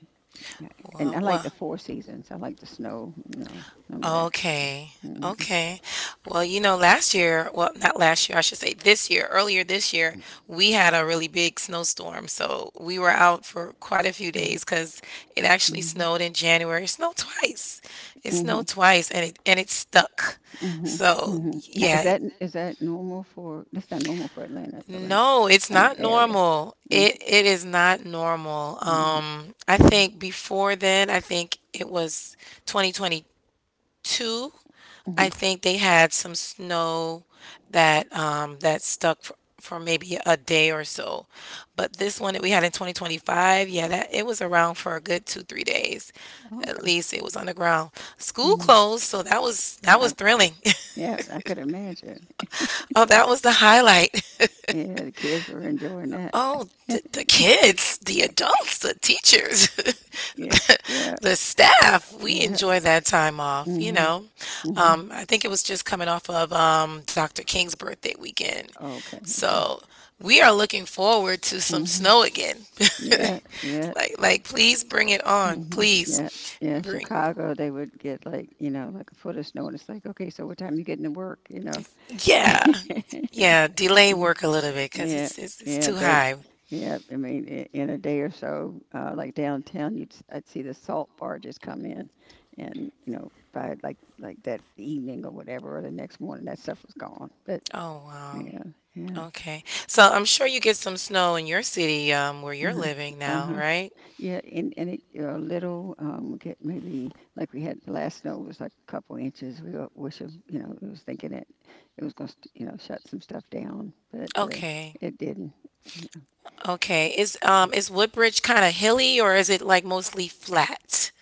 [SPEAKER 1] Yeah, and
[SPEAKER 2] Well,
[SPEAKER 1] I like
[SPEAKER 2] well,
[SPEAKER 1] the four seasons. I like the snow, you know, none of that.
[SPEAKER 2] Okay.
[SPEAKER 1] Mhm,
[SPEAKER 2] Okay. Well, you know, last year, well, not last year, I should say this year, earlier this year, we had a really big snowstorm. So we were out for quite a few
[SPEAKER 1] mhm,
[SPEAKER 2] days because it actually
[SPEAKER 1] mhm,
[SPEAKER 2] snowed in January. It snowed twice. It
[SPEAKER 1] mhm,
[SPEAKER 2] snowed twice and it stuck.
[SPEAKER 1] mm
[SPEAKER 2] So
[SPEAKER 1] mhm. Now, is
[SPEAKER 2] yeah.
[SPEAKER 1] that, is that normal for? That's not normal for Atlanta, though, right?
[SPEAKER 2] No, it's
[SPEAKER 1] I mean,
[SPEAKER 2] not
[SPEAKER 1] area.
[SPEAKER 2] normal.
[SPEAKER 1] Mm,
[SPEAKER 2] It is not normal.
[SPEAKER 1] mhm,
[SPEAKER 2] I
[SPEAKER 1] mhm,
[SPEAKER 2] think before then, I think it was 2022.
[SPEAKER 1] mhm.
[SPEAKER 2] I think they had some snow that, that stuck for maybe a day or so, but this one that we had in 2025, yeah, that it was around for a good two three days, at
[SPEAKER 1] Okay.
[SPEAKER 2] least it was on the ground. School
[SPEAKER 1] Mhm.
[SPEAKER 2] closed, so that was that
[SPEAKER 1] I,
[SPEAKER 2] was thrilling.
[SPEAKER 1] yeah, I could imagine.
[SPEAKER 2] Oh, that was the highlight.
[SPEAKER 1] Yeah, the kids were enjoying that.
[SPEAKER 2] Oh, the kids, the adults, the teachers,
[SPEAKER 1] Yeah, yeah,
[SPEAKER 2] the staff, we
[SPEAKER 1] yeah.
[SPEAKER 2] enjoy that time off,
[SPEAKER 1] Mm
[SPEAKER 2] you
[SPEAKER 1] hmm.
[SPEAKER 2] know.
[SPEAKER 1] Mm hmm.
[SPEAKER 2] I think it was just coming off of, Dr. King's birthday weekend.
[SPEAKER 1] Okay, okay.
[SPEAKER 2] So we are looking forward to some
[SPEAKER 1] Mm hmm.
[SPEAKER 2] snow again.
[SPEAKER 1] Yeah, yeah.
[SPEAKER 2] Like, please bring it on.
[SPEAKER 1] Mhm.
[SPEAKER 2] Please
[SPEAKER 1] Yeah. Yeah,
[SPEAKER 2] bring
[SPEAKER 1] Chicago, they would get like, you know, like a foot of snow, and it's like, okay, so what time you getting to work, you know?
[SPEAKER 2] Yeah. Yeah. Delay
[SPEAKER 1] Mm,
[SPEAKER 2] work a little bit because
[SPEAKER 1] yeah.
[SPEAKER 2] it's
[SPEAKER 1] Yeah,
[SPEAKER 2] too
[SPEAKER 1] they,
[SPEAKER 2] high.
[SPEAKER 1] yeah, I mean, in a day or so, like downtown, I'd see the salt barges come in and, you know, by like that evening or whatever, or the next morning, that stuff was gone. But
[SPEAKER 2] Oh, wow.
[SPEAKER 1] yeah, yeah.
[SPEAKER 2] Okay. So I'm sure you get some snow in your city, where you're
[SPEAKER 1] Uh-huh.
[SPEAKER 2] living now,
[SPEAKER 1] Uh-huh.
[SPEAKER 2] right?
[SPEAKER 1] Yeah, a little, get maybe like, we had, the last snow was like a couple inches. We were wishing, you know, we was thinking it was going to, you know, shut some stuff down, but
[SPEAKER 2] Okay.
[SPEAKER 1] it didn't. You
[SPEAKER 2] Okay. Is Woodbridge kind of hilly or is it like mostly flat?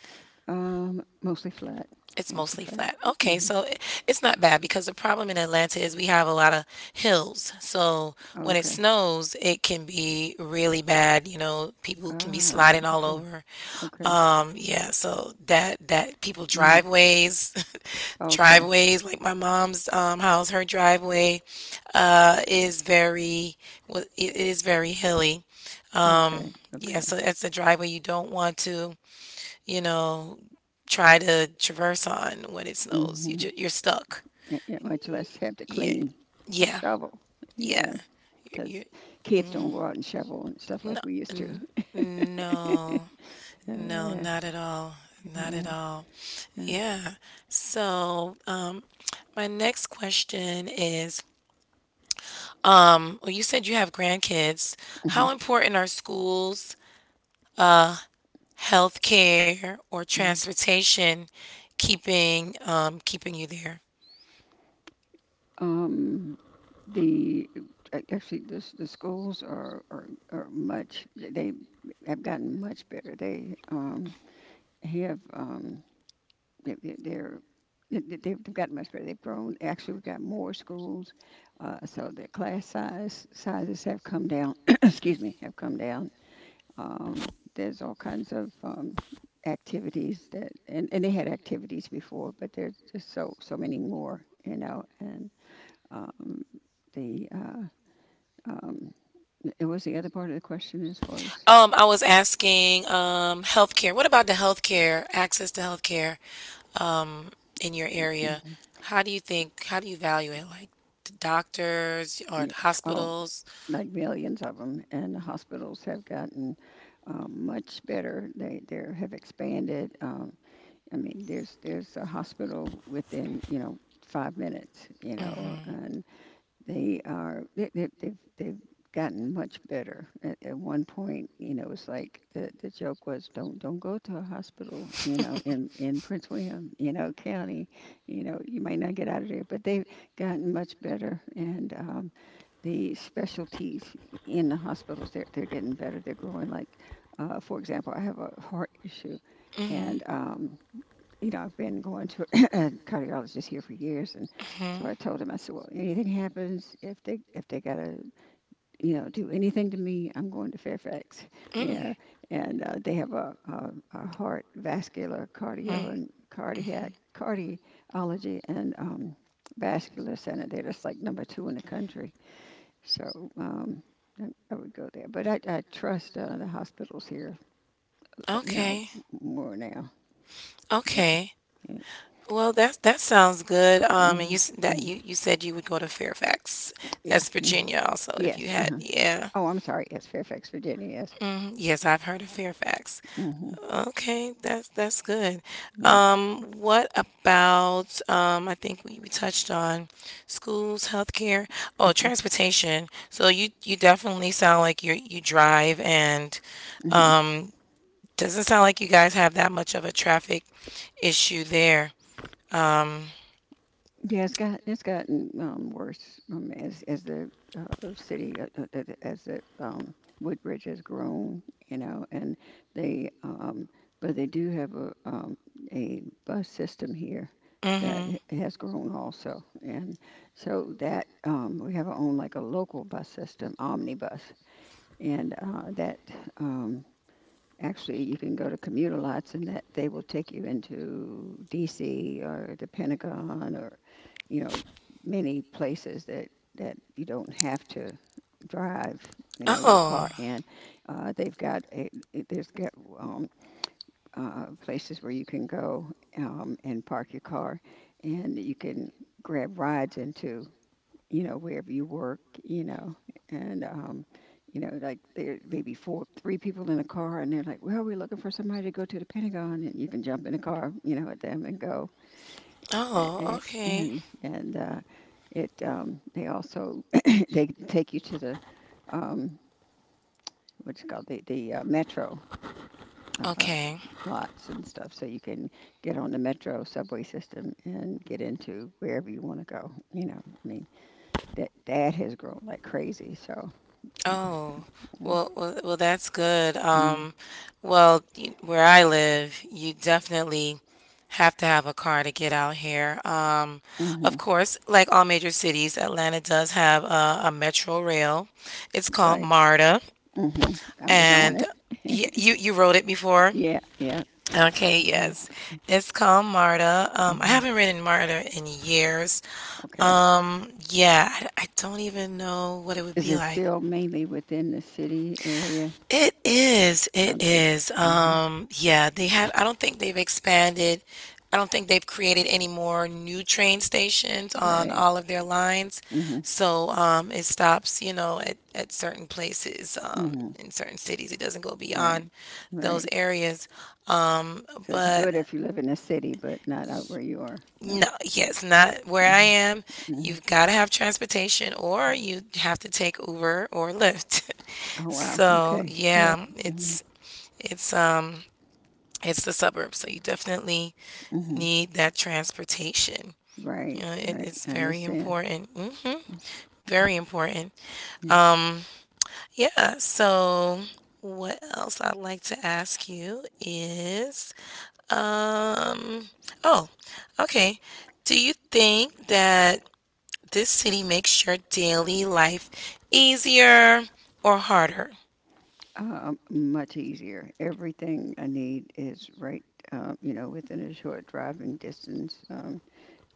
[SPEAKER 1] know. Mostly flat,
[SPEAKER 2] It's
[SPEAKER 1] mostly
[SPEAKER 2] mostly
[SPEAKER 1] flat.
[SPEAKER 2] flat. Okay,
[SPEAKER 1] Hmm.
[SPEAKER 2] so it's not bad because the problem in Atlanta is we have a lot of hills. So when it
[SPEAKER 1] Okay.
[SPEAKER 2] snows, it can be really bad. You know, people can be
[SPEAKER 1] Ah,
[SPEAKER 2] sliding all
[SPEAKER 1] okay,
[SPEAKER 2] over.
[SPEAKER 1] okay,
[SPEAKER 2] Yeah, so that people
[SPEAKER 1] hmm,
[SPEAKER 2] driveways,
[SPEAKER 1] okay,
[SPEAKER 2] driveways like my mom's house, her driveway is it is very hilly. Um,
[SPEAKER 1] okay,
[SPEAKER 2] yeah,
[SPEAKER 1] okay.
[SPEAKER 2] so that's a driveway you don't want to, you know, try to traverse on when it snows.
[SPEAKER 1] Hmm.
[SPEAKER 2] You're stuck.
[SPEAKER 1] Yeah, yeah, much less have to
[SPEAKER 2] Yeah.
[SPEAKER 1] clean a
[SPEAKER 2] Yeah.
[SPEAKER 1] shovel. Yeah,
[SPEAKER 2] Yeah. You're,
[SPEAKER 1] because kids
[SPEAKER 2] mhm.
[SPEAKER 1] don't go out and shovel and stuff
[SPEAKER 2] No,
[SPEAKER 1] like we used to.
[SPEAKER 2] n- no, no,
[SPEAKER 1] Yeah,
[SPEAKER 2] not at all. Not at
[SPEAKER 1] yeah.
[SPEAKER 2] all.
[SPEAKER 1] Yeah.
[SPEAKER 2] Yeah. So, my next question is, well, you said you have grandkids.
[SPEAKER 1] Hmm.
[SPEAKER 2] How important are schools, uh, healthcare, or
[SPEAKER 1] Hmm.
[SPEAKER 2] transportation keeping, keeping you there?
[SPEAKER 1] Um, the, actually, this the schools are are much, they have gotten much better. They have they, they- they're they've gotten much better. They've grown. Actually, we've got more schools, so the class size sizes have come down. Excuse me, have come down. Um, there's all kinds of, activities that, and they had activities before, but there's just so many more, you know, um, the um, it was the other part of the question as far as
[SPEAKER 2] I was asking, healthcare. What about the healthcare, access to healthcare, um, in your area?
[SPEAKER 1] Mhm.
[SPEAKER 2] How do you value it? Like the doctors or the
[SPEAKER 1] Yes, oh,
[SPEAKER 2] hospitals?
[SPEAKER 1] like millions of them, and the hospitals have gotten, much better. They have expanded. I mean, there's a hospital within, you know, 5 minutes, you know,
[SPEAKER 2] Mm-hmm.
[SPEAKER 1] and they are they've gotten much better. At one point, you know, it's like, the joke was, don't go to a hospital, you know, in Prince William, you know, county, you know, you might not get out of there. But they've gotten much better, and the specialties in the hospitals, they're getting better. They're growing. Like, for example, I have a heart issue, and
[SPEAKER 2] Mm-hmm.
[SPEAKER 1] you know, I've been going to a cardiologist here for years, and so
[SPEAKER 2] Mm-hmm.
[SPEAKER 1] I told him, I said, well, anything happens, if they gotta, you know, do anything to me, I'm going to Fairfax, you
[SPEAKER 2] Mm-hmm.
[SPEAKER 1] know, and they have a, a heart vascular cardio
[SPEAKER 2] Mm.
[SPEAKER 1] and cardiac
[SPEAKER 2] Mhm.
[SPEAKER 1] cardiology and vascular center. They're just like number 2 in the country, so. I I would go there, but I trust the hospitals here,
[SPEAKER 2] Yeah.
[SPEAKER 1] you know,
[SPEAKER 2] Okay.
[SPEAKER 1] more now. But,
[SPEAKER 2] Okay.
[SPEAKER 1] yeah.
[SPEAKER 2] Well, that that sounds good. And you
[SPEAKER 1] Mhm,
[SPEAKER 2] s- that
[SPEAKER 1] mhm.
[SPEAKER 2] you you said you would go to Fairfax.
[SPEAKER 1] Yeah.
[SPEAKER 2] That's
[SPEAKER 1] Mm-hmm.
[SPEAKER 2] Virginia, also. If you
[SPEAKER 1] Yes,
[SPEAKER 2] had,
[SPEAKER 1] uh-huh.
[SPEAKER 2] yeah.
[SPEAKER 1] Oh, I'm sorry. Yes, Fairfax, Virginia. Yes.
[SPEAKER 2] hmm Yes, I've heard of Fairfax.
[SPEAKER 1] hmm
[SPEAKER 2] Okay, that's good.
[SPEAKER 1] Yeah.
[SPEAKER 2] What about I think we touched on schools, healthcare, oh, transportation. So you definitely sound like you drive and
[SPEAKER 1] hmm
[SPEAKER 2] um, doesn't sound like you guys have that much of a traffic issue there. Um,
[SPEAKER 1] Yeah, it's gotten worse as the city as the Woodbridge has grown, you know, and they but they do have a bus system here that
[SPEAKER 2] mm-hmm.
[SPEAKER 1] has grown also, and so that we have our own like a local bus system, omnibus, and that. Um, Actually, you can go to commuter lots and that they will take you into DC or the Pentagon or, you know, many places that you don't have to drive, you know, your car
[SPEAKER 2] Oh,
[SPEAKER 1] in. They've got a it- there's got um, places where you can go and park your car, and you can grab rides into, you know, wherever you work, you know, and you know, like there may be three people in a car, and they're like, "Well, we're looking for somebody to go to the Pentagon," and you can jump in a car, you know, with them and go,
[SPEAKER 2] oh,
[SPEAKER 1] and
[SPEAKER 2] okay,
[SPEAKER 1] and, and uh, it they also they take you to the um, what's it called, the metro. Uh, uh,
[SPEAKER 2] okay.
[SPEAKER 1] plots and stuff so you can get on the metro subway system and get into wherever you want to go, you know. I mean, that has grown like crazy, so yeah.
[SPEAKER 2] Oh,
[SPEAKER 1] Mm,
[SPEAKER 2] well, that's good.
[SPEAKER 1] mm,
[SPEAKER 2] Where I live, you definitely have to have a car to get out here. Of
[SPEAKER 1] mhm.
[SPEAKER 2] course, like all major cities, Atlanta does have a metro rail. It's called
[SPEAKER 1] Right.
[SPEAKER 2] MARTA,
[SPEAKER 1] Mhm. I was on
[SPEAKER 2] and y
[SPEAKER 1] it.
[SPEAKER 2] you you rode it before.
[SPEAKER 1] Yeah, yeah.
[SPEAKER 2] Okay,
[SPEAKER 1] Mhm,
[SPEAKER 2] yes. It's called Marta. I
[SPEAKER 1] mhm.
[SPEAKER 2] haven't written Marta in years.
[SPEAKER 1] Okay.
[SPEAKER 2] Yeah, I don't even know what it would
[SPEAKER 1] Is
[SPEAKER 2] be
[SPEAKER 1] it
[SPEAKER 2] like.
[SPEAKER 1] still mainly within the city area?
[SPEAKER 2] It is. It
[SPEAKER 1] Okay.
[SPEAKER 2] is.
[SPEAKER 1] hmm
[SPEAKER 2] Yeah, they have, I don't think they've expanded. I don't think they've created any more new train stations on
[SPEAKER 1] Right.
[SPEAKER 2] all of their lines.
[SPEAKER 1] hmm
[SPEAKER 2] So, it stops, you know, at certain places,
[SPEAKER 1] hmm
[SPEAKER 2] in certain cities. It doesn't go
[SPEAKER 1] Right.
[SPEAKER 2] beyond
[SPEAKER 1] Right.
[SPEAKER 2] those areas. Um,
[SPEAKER 1] So it's
[SPEAKER 2] but
[SPEAKER 1] good if you live in a city, but not out where you are. Yeah.
[SPEAKER 2] no, yes, not where I
[SPEAKER 1] Mhm,
[SPEAKER 2] am.
[SPEAKER 1] mhm.
[SPEAKER 2] You've got to have transportation or you have to take Uber or Lyft.
[SPEAKER 1] Oh, wow.
[SPEAKER 2] So,
[SPEAKER 1] Okay. Yeah.
[SPEAKER 2] yeah,
[SPEAKER 1] hmm
[SPEAKER 2] it's it's the suburbs, so you definitely
[SPEAKER 1] hmm
[SPEAKER 2] need that transportation. You
[SPEAKER 1] Right.
[SPEAKER 2] know,
[SPEAKER 1] Right.
[SPEAKER 2] it's
[SPEAKER 1] I
[SPEAKER 2] very
[SPEAKER 1] understand.
[SPEAKER 2] important. Hmm Very important.
[SPEAKER 1] Yeah.
[SPEAKER 2] Um, yeah, so what else I'd like to ask you is um oh, okay. Do you think that this city makes your daily life easier or harder.
[SPEAKER 1] Much easier. Everything I need is right, you know, within a short driving distance. Um,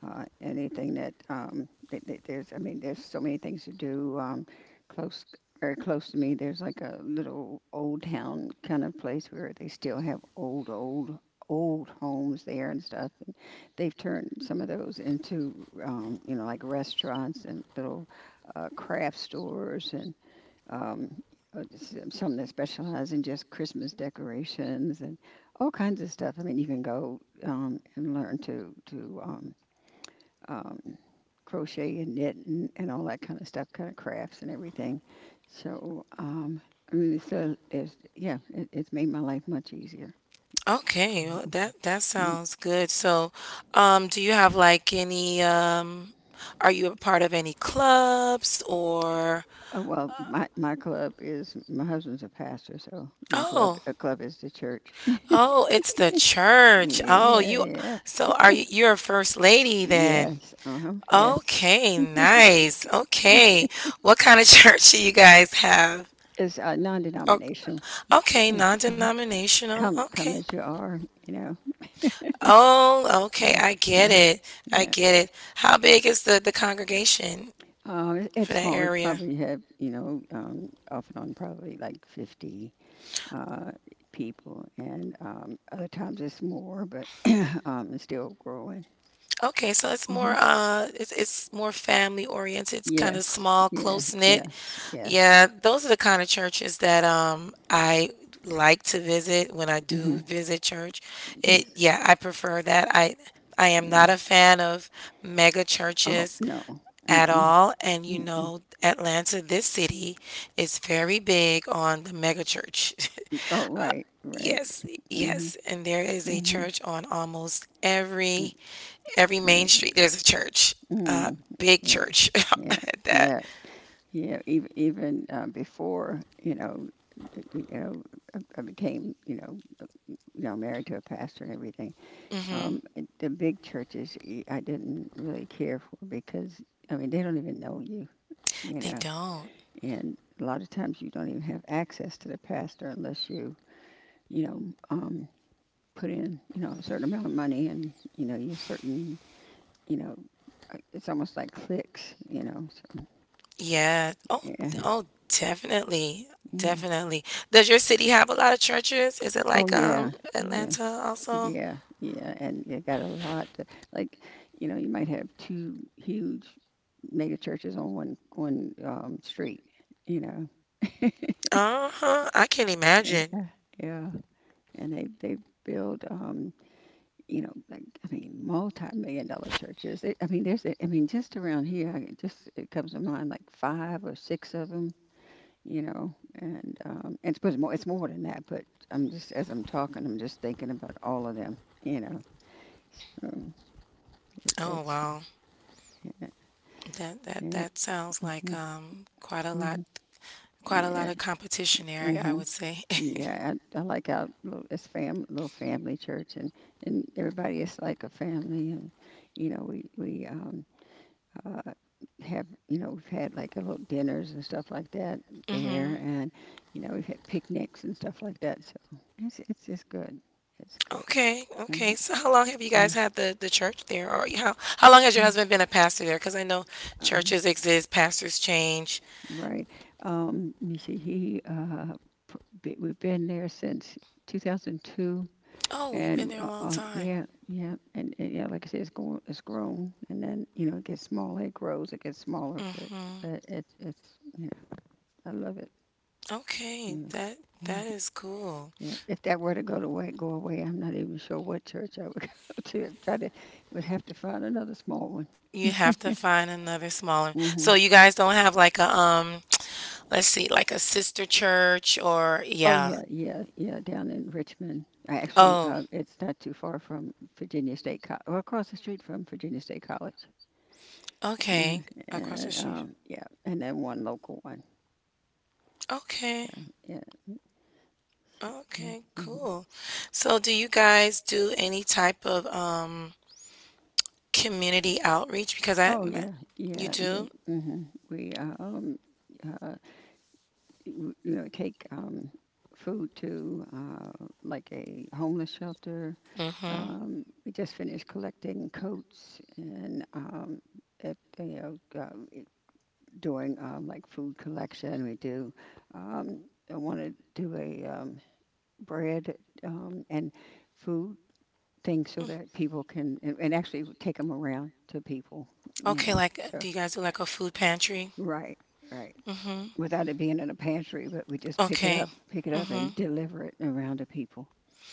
[SPEAKER 1] uh, Anything that, there's, I mean, there's so many things to do. Close, very close to me, there's like a little old town kind of place where they still have old, old, old homes there and stuff. And they've turned some of those into, you know, like restaurants and little craft stores and um, some that specialize in just Christmas decorations and all kinds of stuff. I mean, you can go and learn to um, crochet and knit, and all that kind of stuff, kind of crafts and everything. So, I mean, so there's, yeah, it's made my life much easier.
[SPEAKER 2] Okay, well, that that
[SPEAKER 1] Mm.
[SPEAKER 2] sounds good. So, do you have like any are you a part of any clubs or
[SPEAKER 1] Oh,
[SPEAKER 2] uh,
[SPEAKER 1] well, my club is my husband's a pastor, so my club
[SPEAKER 2] oh,
[SPEAKER 1] a club is the church.
[SPEAKER 2] oh, it's the church. Oh,
[SPEAKER 1] Yeah,
[SPEAKER 2] you
[SPEAKER 1] yeah,
[SPEAKER 2] so are you're a first lady then?
[SPEAKER 1] yes, uh-huh, yes.
[SPEAKER 2] Okay, nice. Okay. What kind of church do you guys have?
[SPEAKER 1] It's
[SPEAKER 2] Oh,
[SPEAKER 1] non-denominational.
[SPEAKER 2] okay,
[SPEAKER 1] Yeah, mhm.
[SPEAKER 2] non-denominational.
[SPEAKER 1] Come
[SPEAKER 2] Okay.
[SPEAKER 1] as you are. You know.
[SPEAKER 2] Oh, okay.
[SPEAKER 1] Yeah.
[SPEAKER 2] I get
[SPEAKER 1] Mhm.
[SPEAKER 2] it. I
[SPEAKER 1] Yeah.
[SPEAKER 2] get it. How big is the congregation
[SPEAKER 1] It-
[SPEAKER 2] for
[SPEAKER 1] it's
[SPEAKER 2] that
[SPEAKER 1] small. We
[SPEAKER 2] area?
[SPEAKER 1] probably have, you know, off and on probably like 50 uh, people, and other times it's more, but it's still growing.
[SPEAKER 2] Okay, so
[SPEAKER 1] Hmm
[SPEAKER 2] it's more family oriented. It's kind of
[SPEAKER 1] Yes,
[SPEAKER 2] small,
[SPEAKER 1] yeah,
[SPEAKER 2] close knit.
[SPEAKER 1] yes, yes,
[SPEAKER 2] Yeah, those are the kind of churches that I like to visit when I do
[SPEAKER 1] hmm
[SPEAKER 2] visit church. It
[SPEAKER 1] yes,
[SPEAKER 2] yeah, I prefer that. I am
[SPEAKER 1] yeah.
[SPEAKER 2] not a fan of mega
[SPEAKER 1] Oh
[SPEAKER 2] churches.
[SPEAKER 1] no,
[SPEAKER 2] At
[SPEAKER 1] mm-mm,
[SPEAKER 2] all. And you
[SPEAKER 1] mm-mm.
[SPEAKER 2] know, Atlanta, this city, is very big on the megachurch.
[SPEAKER 1] Oh
[SPEAKER 2] uh,
[SPEAKER 1] right, right. Mm-hmm,
[SPEAKER 2] yes, and there is a
[SPEAKER 1] mm-hmm.
[SPEAKER 2] church on almost
[SPEAKER 1] Yeah,
[SPEAKER 2] every main
[SPEAKER 1] yeah.
[SPEAKER 2] street. There's a church, uh,
[SPEAKER 1] Mm.
[SPEAKER 2] big
[SPEAKER 1] Yeah.
[SPEAKER 2] church
[SPEAKER 1] Yeah,
[SPEAKER 2] at that.
[SPEAKER 1] yeah, yeah. Even before, you know, uh, you know, I became, you know, married to a pastor and everything.
[SPEAKER 2] Hmm
[SPEAKER 1] And the big churches I didn't really care for because I mean they don't even know you, you
[SPEAKER 2] They
[SPEAKER 1] know,
[SPEAKER 2] don't.
[SPEAKER 1] and a lot of times you don't even have access to the pastor unless you, you know, um, put in, you know, a certain amount of money, and you know you certain, you know, it's almost like clicks, you know. So
[SPEAKER 2] Yeah. Oh,
[SPEAKER 1] yeah.
[SPEAKER 2] oh, definitely.
[SPEAKER 1] Mm.
[SPEAKER 2] Definitely. Does your city have a lot of churches? Is it like
[SPEAKER 1] Oh, yeah. Yeah.
[SPEAKER 2] Atlanta also?
[SPEAKER 1] Yeah. Yeah. And you got a lot to, like, you know, you might have two huge mega churches on one street, you know.
[SPEAKER 2] Uh-huh. I can imagine.
[SPEAKER 1] Yeah. Yeah. And they build you know, like I mean, multi-million-dollar churches. It, I mean, there's I mean, just around here, just it comes to mind like five or six of them, you know, and it's more than that. But I'm just as I'm talking, I'm just thinking about all of them, you know. So
[SPEAKER 2] Oh,
[SPEAKER 1] it's
[SPEAKER 2] wow.
[SPEAKER 1] yeah,
[SPEAKER 2] That that
[SPEAKER 1] yeah,
[SPEAKER 2] that sounds like,
[SPEAKER 1] mhm, mhm,
[SPEAKER 2] quite a lot
[SPEAKER 1] yeah,
[SPEAKER 2] of competition there, I
[SPEAKER 1] mhm,
[SPEAKER 2] would say.
[SPEAKER 1] yeah. I like our little, it's fam little family church, and everybody is like a family, and you know we uh have, you know, we've had like a little dinners and stuff like that there,
[SPEAKER 2] Mhm.
[SPEAKER 1] and you know we've had picnics and stuff like that. So it's just good. It's good.
[SPEAKER 2] Okay,
[SPEAKER 1] Mhm,
[SPEAKER 2] okay. So how long have you guys
[SPEAKER 1] mhm,
[SPEAKER 2] had the church there? Or how long has your husband
[SPEAKER 1] mhm.
[SPEAKER 2] been a pastor there? Because I know
[SPEAKER 1] Uh,
[SPEAKER 2] churches exist, pastors change.
[SPEAKER 1] Right. Let me see. We've been there since 2002,
[SPEAKER 2] Oh, you've been
[SPEAKER 1] and
[SPEAKER 2] there a long time.
[SPEAKER 1] yeah, yeah, and yeah, like I said, it's going, it's grown, and then you know it gets smaller, it grows, it gets smaller, but
[SPEAKER 2] Mhm.
[SPEAKER 1] it's yeah, I love it.
[SPEAKER 2] Okay,
[SPEAKER 1] Yeah,
[SPEAKER 2] that
[SPEAKER 1] mhm,
[SPEAKER 2] that is cool.
[SPEAKER 1] yeah. If that were to go away, I'm not even sure what church I would go to. Try to Would have to find another small one.
[SPEAKER 2] You have to find another smaller. So
[SPEAKER 1] Mm-hmm.
[SPEAKER 2] you guys don't have like a let's see, like a sister church or
[SPEAKER 1] Oh
[SPEAKER 2] yeah.
[SPEAKER 1] yeah, yeah, yeah. Down in Richmond, I actually,
[SPEAKER 2] Oh,
[SPEAKER 1] it's not too far from Virginia State College, well, across the street from Virginia State College. Yeah,
[SPEAKER 2] okay. Across the
[SPEAKER 1] and
[SPEAKER 2] street.
[SPEAKER 1] yeah, and then one local one.
[SPEAKER 2] Okay.
[SPEAKER 1] Yeah. Mm-hmm.
[SPEAKER 2] Okay,
[SPEAKER 1] Mm-hmm.
[SPEAKER 2] cool. So do you guys do any type of community outreach? Because
[SPEAKER 1] Oh yeah,
[SPEAKER 2] you
[SPEAKER 1] yeah, yeah.
[SPEAKER 2] do?
[SPEAKER 1] hmm We uh, um, uh, you know, take food to like a homeless shelter.
[SPEAKER 2] Mm-hmm.
[SPEAKER 1] We just finished collecting coats and at, you know. Uh, doing like food collection. We do. Um, I want to do a bread and food thing so that people can and actually take them around to people. You
[SPEAKER 2] Okay,
[SPEAKER 1] know.
[SPEAKER 2] like
[SPEAKER 1] So
[SPEAKER 2] do you guys do like a food pantry?
[SPEAKER 1] right, right.
[SPEAKER 2] Mm-hmm.
[SPEAKER 1] Without it being in a pantry, but we just
[SPEAKER 2] Okay.
[SPEAKER 1] pick it up,
[SPEAKER 2] Mm-hmm.
[SPEAKER 1] and deliver it around to people.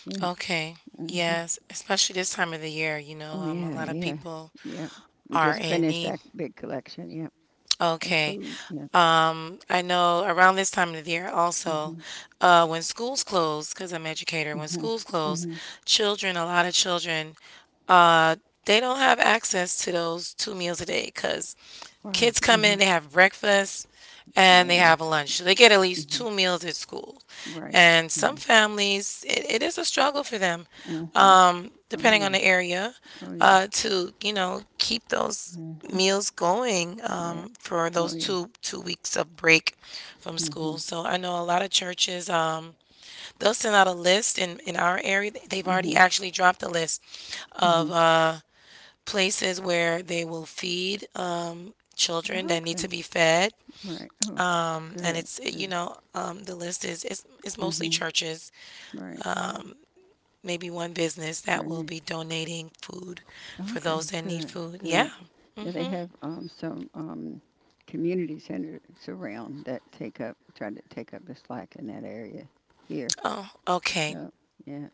[SPEAKER 1] Yeah.
[SPEAKER 2] Okay.
[SPEAKER 1] hmm
[SPEAKER 2] Yes, especially this time of the year, you know,
[SPEAKER 1] Oh
[SPEAKER 2] a
[SPEAKER 1] yeah,
[SPEAKER 2] lot of
[SPEAKER 1] yeah,
[SPEAKER 2] people
[SPEAKER 1] yeah. We
[SPEAKER 2] are
[SPEAKER 1] just
[SPEAKER 2] in
[SPEAKER 1] finished
[SPEAKER 2] need.
[SPEAKER 1] that big collection. Yeah, of
[SPEAKER 2] Okay.
[SPEAKER 1] food. Yeah.
[SPEAKER 2] I know around this time of the year also,
[SPEAKER 1] Mhm.
[SPEAKER 2] when schools close, because I'm educator, when
[SPEAKER 1] Mhm.
[SPEAKER 2] schools close,
[SPEAKER 1] Mhm.
[SPEAKER 2] children, a lot of children, uh, they don't have access to those two meals a day because
[SPEAKER 1] Wow.
[SPEAKER 2] kids come
[SPEAKER 1] Mhm.
[SPEAKER 2] in, they have breakfast and they
[SPEAKER 1] Yeah.
[SPEAKER 2] have a lunch. So they get at least
[SPEAKER 1] Mm-hmm.
[SPEAKER 2] two meals at school.
[SPEAKER 1] Right.
[SPEAKER 2] And some
[SPEAKER 1] Yeah.
[SPEAKER 2] families, it is a struggle for them,
[SPEAKER 1] Mm-hmm. Oh
[SPEAKER 2] depending on
[SPEAKER 1] yeah.
[SPEAKER 2] the area,
[SPEAKER 1] Oh yeah.
[SPEAKER 2] to, keep those
[SPEAKER 1] Mm-hmm.
[SPEAKER 2] meals going
[SPEAKER 1] Yeah.
[SPEAKER 2] for
[SPEAKER 1] Oh
[SPEAKER 2] those
[SPEAKER 1] yeah.
[SPEAKER 2] two weeks of break from school.
[SPEAKER 1] Mm-hmm.
[SPEAKER 2] So I know a lot of churches they'll send out a list in our area. They've
[SPEAKER 1] Mm-hmm.
[SPEAKER 2] already actually dropped a list
[SPEAKER 1] Mm-hmm.
[SPEAKER 2] of places where they will feed children
[SPEAKER 1] Oh,
[SPEAKER 2] that need
[SPEAKER 1] okay.
[SPEAKER 2] to be fed.
[SPEAKER 1] Right. Oh,
[SPEAKER 2] And
[SPEAKER 1] good. Good.
[SPEAKER 2] the list is, it's mostly
[SPEAKER 1] Mm-hmm.
[SPEAKER 2] churches,
[SPEAKER 1] Right.
[SPEAKER 2] maybe one business that will
[SPEAKER 1] Right.
[SPEAKER 2] be donating food for those
[SPEAKER 1] Okay.
[SPEAKER 2] that need
[SPEAKER 1] Good.
[SPEAKER 2] food.
[SPEAKER 1] Good.
[SPEAKER 2] Yeah.
[SPEAKER 1] Yeah, they
[SPEAKER 2] Hmm.
[SPEAKER 1] have some community centers around that take up try to take up the slack in that area here.
[SPEAKER 2] Oh, okay.
[SPEAKER 1] So yeah.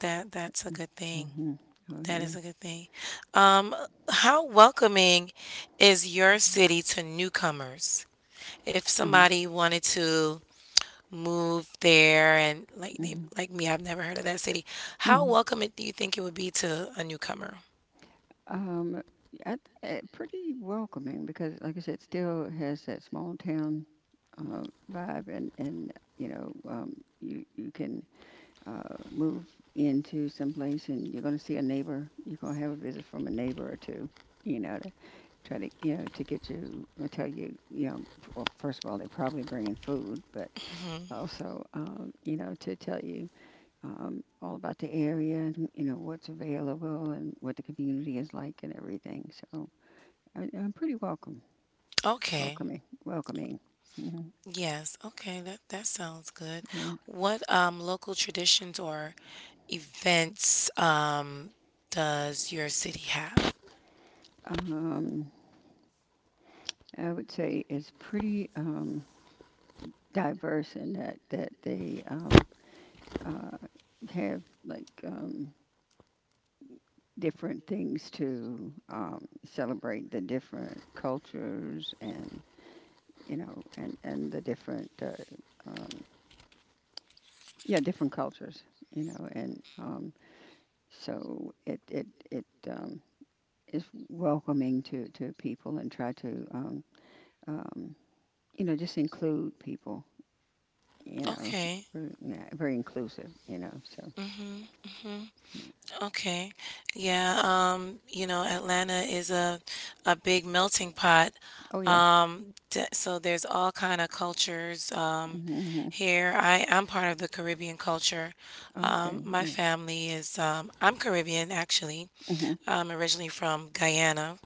[SPEAKER 2] That's a good thing.
[SPEAKER 1] Mm-hmm. Oh
[SPEAKER 2] That
[SPEAKER 1] yeah.
[SPEAKER 2] is a good thing. Um, how welcoming is your city to newcomers? If
[SPEAKER 1] Um,
[SPEAKER 2] somebody wanted to move there and
[SPEAKER 1] mm-hmm.
[SPEAKER 2] like me, I've never heard of that city. How welcoming do you think it would be to a newcomer?
[SPEAKER 1] Um, I, uh, pretty welcoming because, like I said, still has that small town uh, vibe, and you know, you you can move into some place, and you're gonna see a neighbor. You're gonna have a visit from a neighbor or two. You know, to try to you know to get you or tell you you know. Well, first of all, they're probably bringing food, but
[SPEAKER 2] Mhm.
[SPEAKER 1] also you know, to tell you all about the area and you know what's available and what the community is like and everything. So I'm pretty
[SPEAKER 2] Okay.
[SPEAKER 1] welcoming, welcoming. Hmm
[SPEAKER 2] Yes. Okay. That sounds good.
[SPEAKER 1] Yeah,
[SPEAKER 2] What local traditions or events does your city have?
[SPEAKER 1] um, I would say it's pretty diverse in that they uh, have like different things to celebrate the different cultures and you know and the different um, yeah, different cultures, you know, and so it is welcoming to people and try to um, you know, just include people, you know,
[SPEAKER 2] Okay.
[SPEAKER 1] very, yeah, very inclusive, you know. So yeah,
[SPEAKER 2] Okay. Yeah, Atlanta is a big melting pot.
[SPEAKER 1] oh yeah,
[SPEAKER 2] So there's all kind of cultures
[SPEAKER 1] mm-hmm, mm-hmm.
[SPEAKER 2] here. I'm part of the Caribbean culture.
[SPEAKER 1] Okay,
[SPEAKER 2] My
[SPEAKER 1] yeah,
[SPEAKER 2] family is I'm Caribbean actually.
[SPEAKER 1] hmm
[SPEAKER 2] I'm originally from Guyana,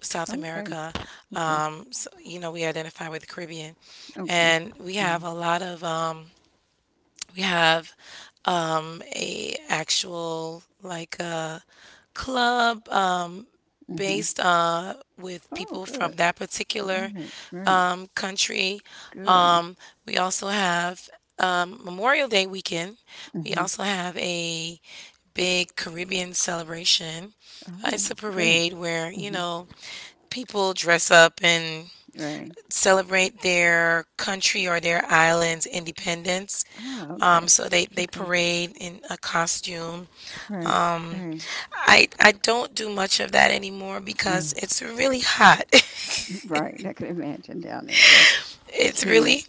[SPEAKER 2] South
[SPEAKER 1] okay,
[SPEAKER 2] America.
[SPEAKER 1] okay,
[SPEAKER 2] So, we identify with the Caribbean,
[SPEAKER 1] okay,
[SPEAKER 2] and
[SPEAKER 1] hmm
[SPEAKER 2] we have a actual like a club
[SPEAKER 1] hmm
[SPEAKER 2] based with
[SPEAKER 1] oh
[SPEAKER 2] people from
[SPEAKER 1] good,
[SPEAKER 2] that particular
[SPEAKER 1] right, right,
[SPEAKER 2] country.
[SPEAKER 1] good,
[SPEAKER 2] Um we also have Memorial Day weekend. We
[SPEAKER 1] hmm
[SPEAKER 2] also have a big Caribbean celebration. It's
[SPEAKER 1] oh
[SPEAKER 2] a
[SPEAKER 1] good,
[SPEAKER 2] parade where,
[SPEAKER 1] hmm
[SPEAKER 2] people dress up in
[SPEAKER 1] right,
[SPEAKER 2] celebrate their country or their island's independence.
[SPEAKER 1] ah okay,
[SPEAKER 2] So they
[SPEAKER 1] okay,
[SPEAKER 2] parade in a costume.
[SPEAKER 1] right, right.
[SPEAKER 2] I don't do much of that anymore because
[SPEAKER 1] Mm-hmm.
[SPEAKER 2] it's really hot.
[SPEAKER 1] Right, I could imagine down there. Yep, it's
[SPEAKER 2] it's
[SPEAKER 1] humid,
[SPEAKER 2] really,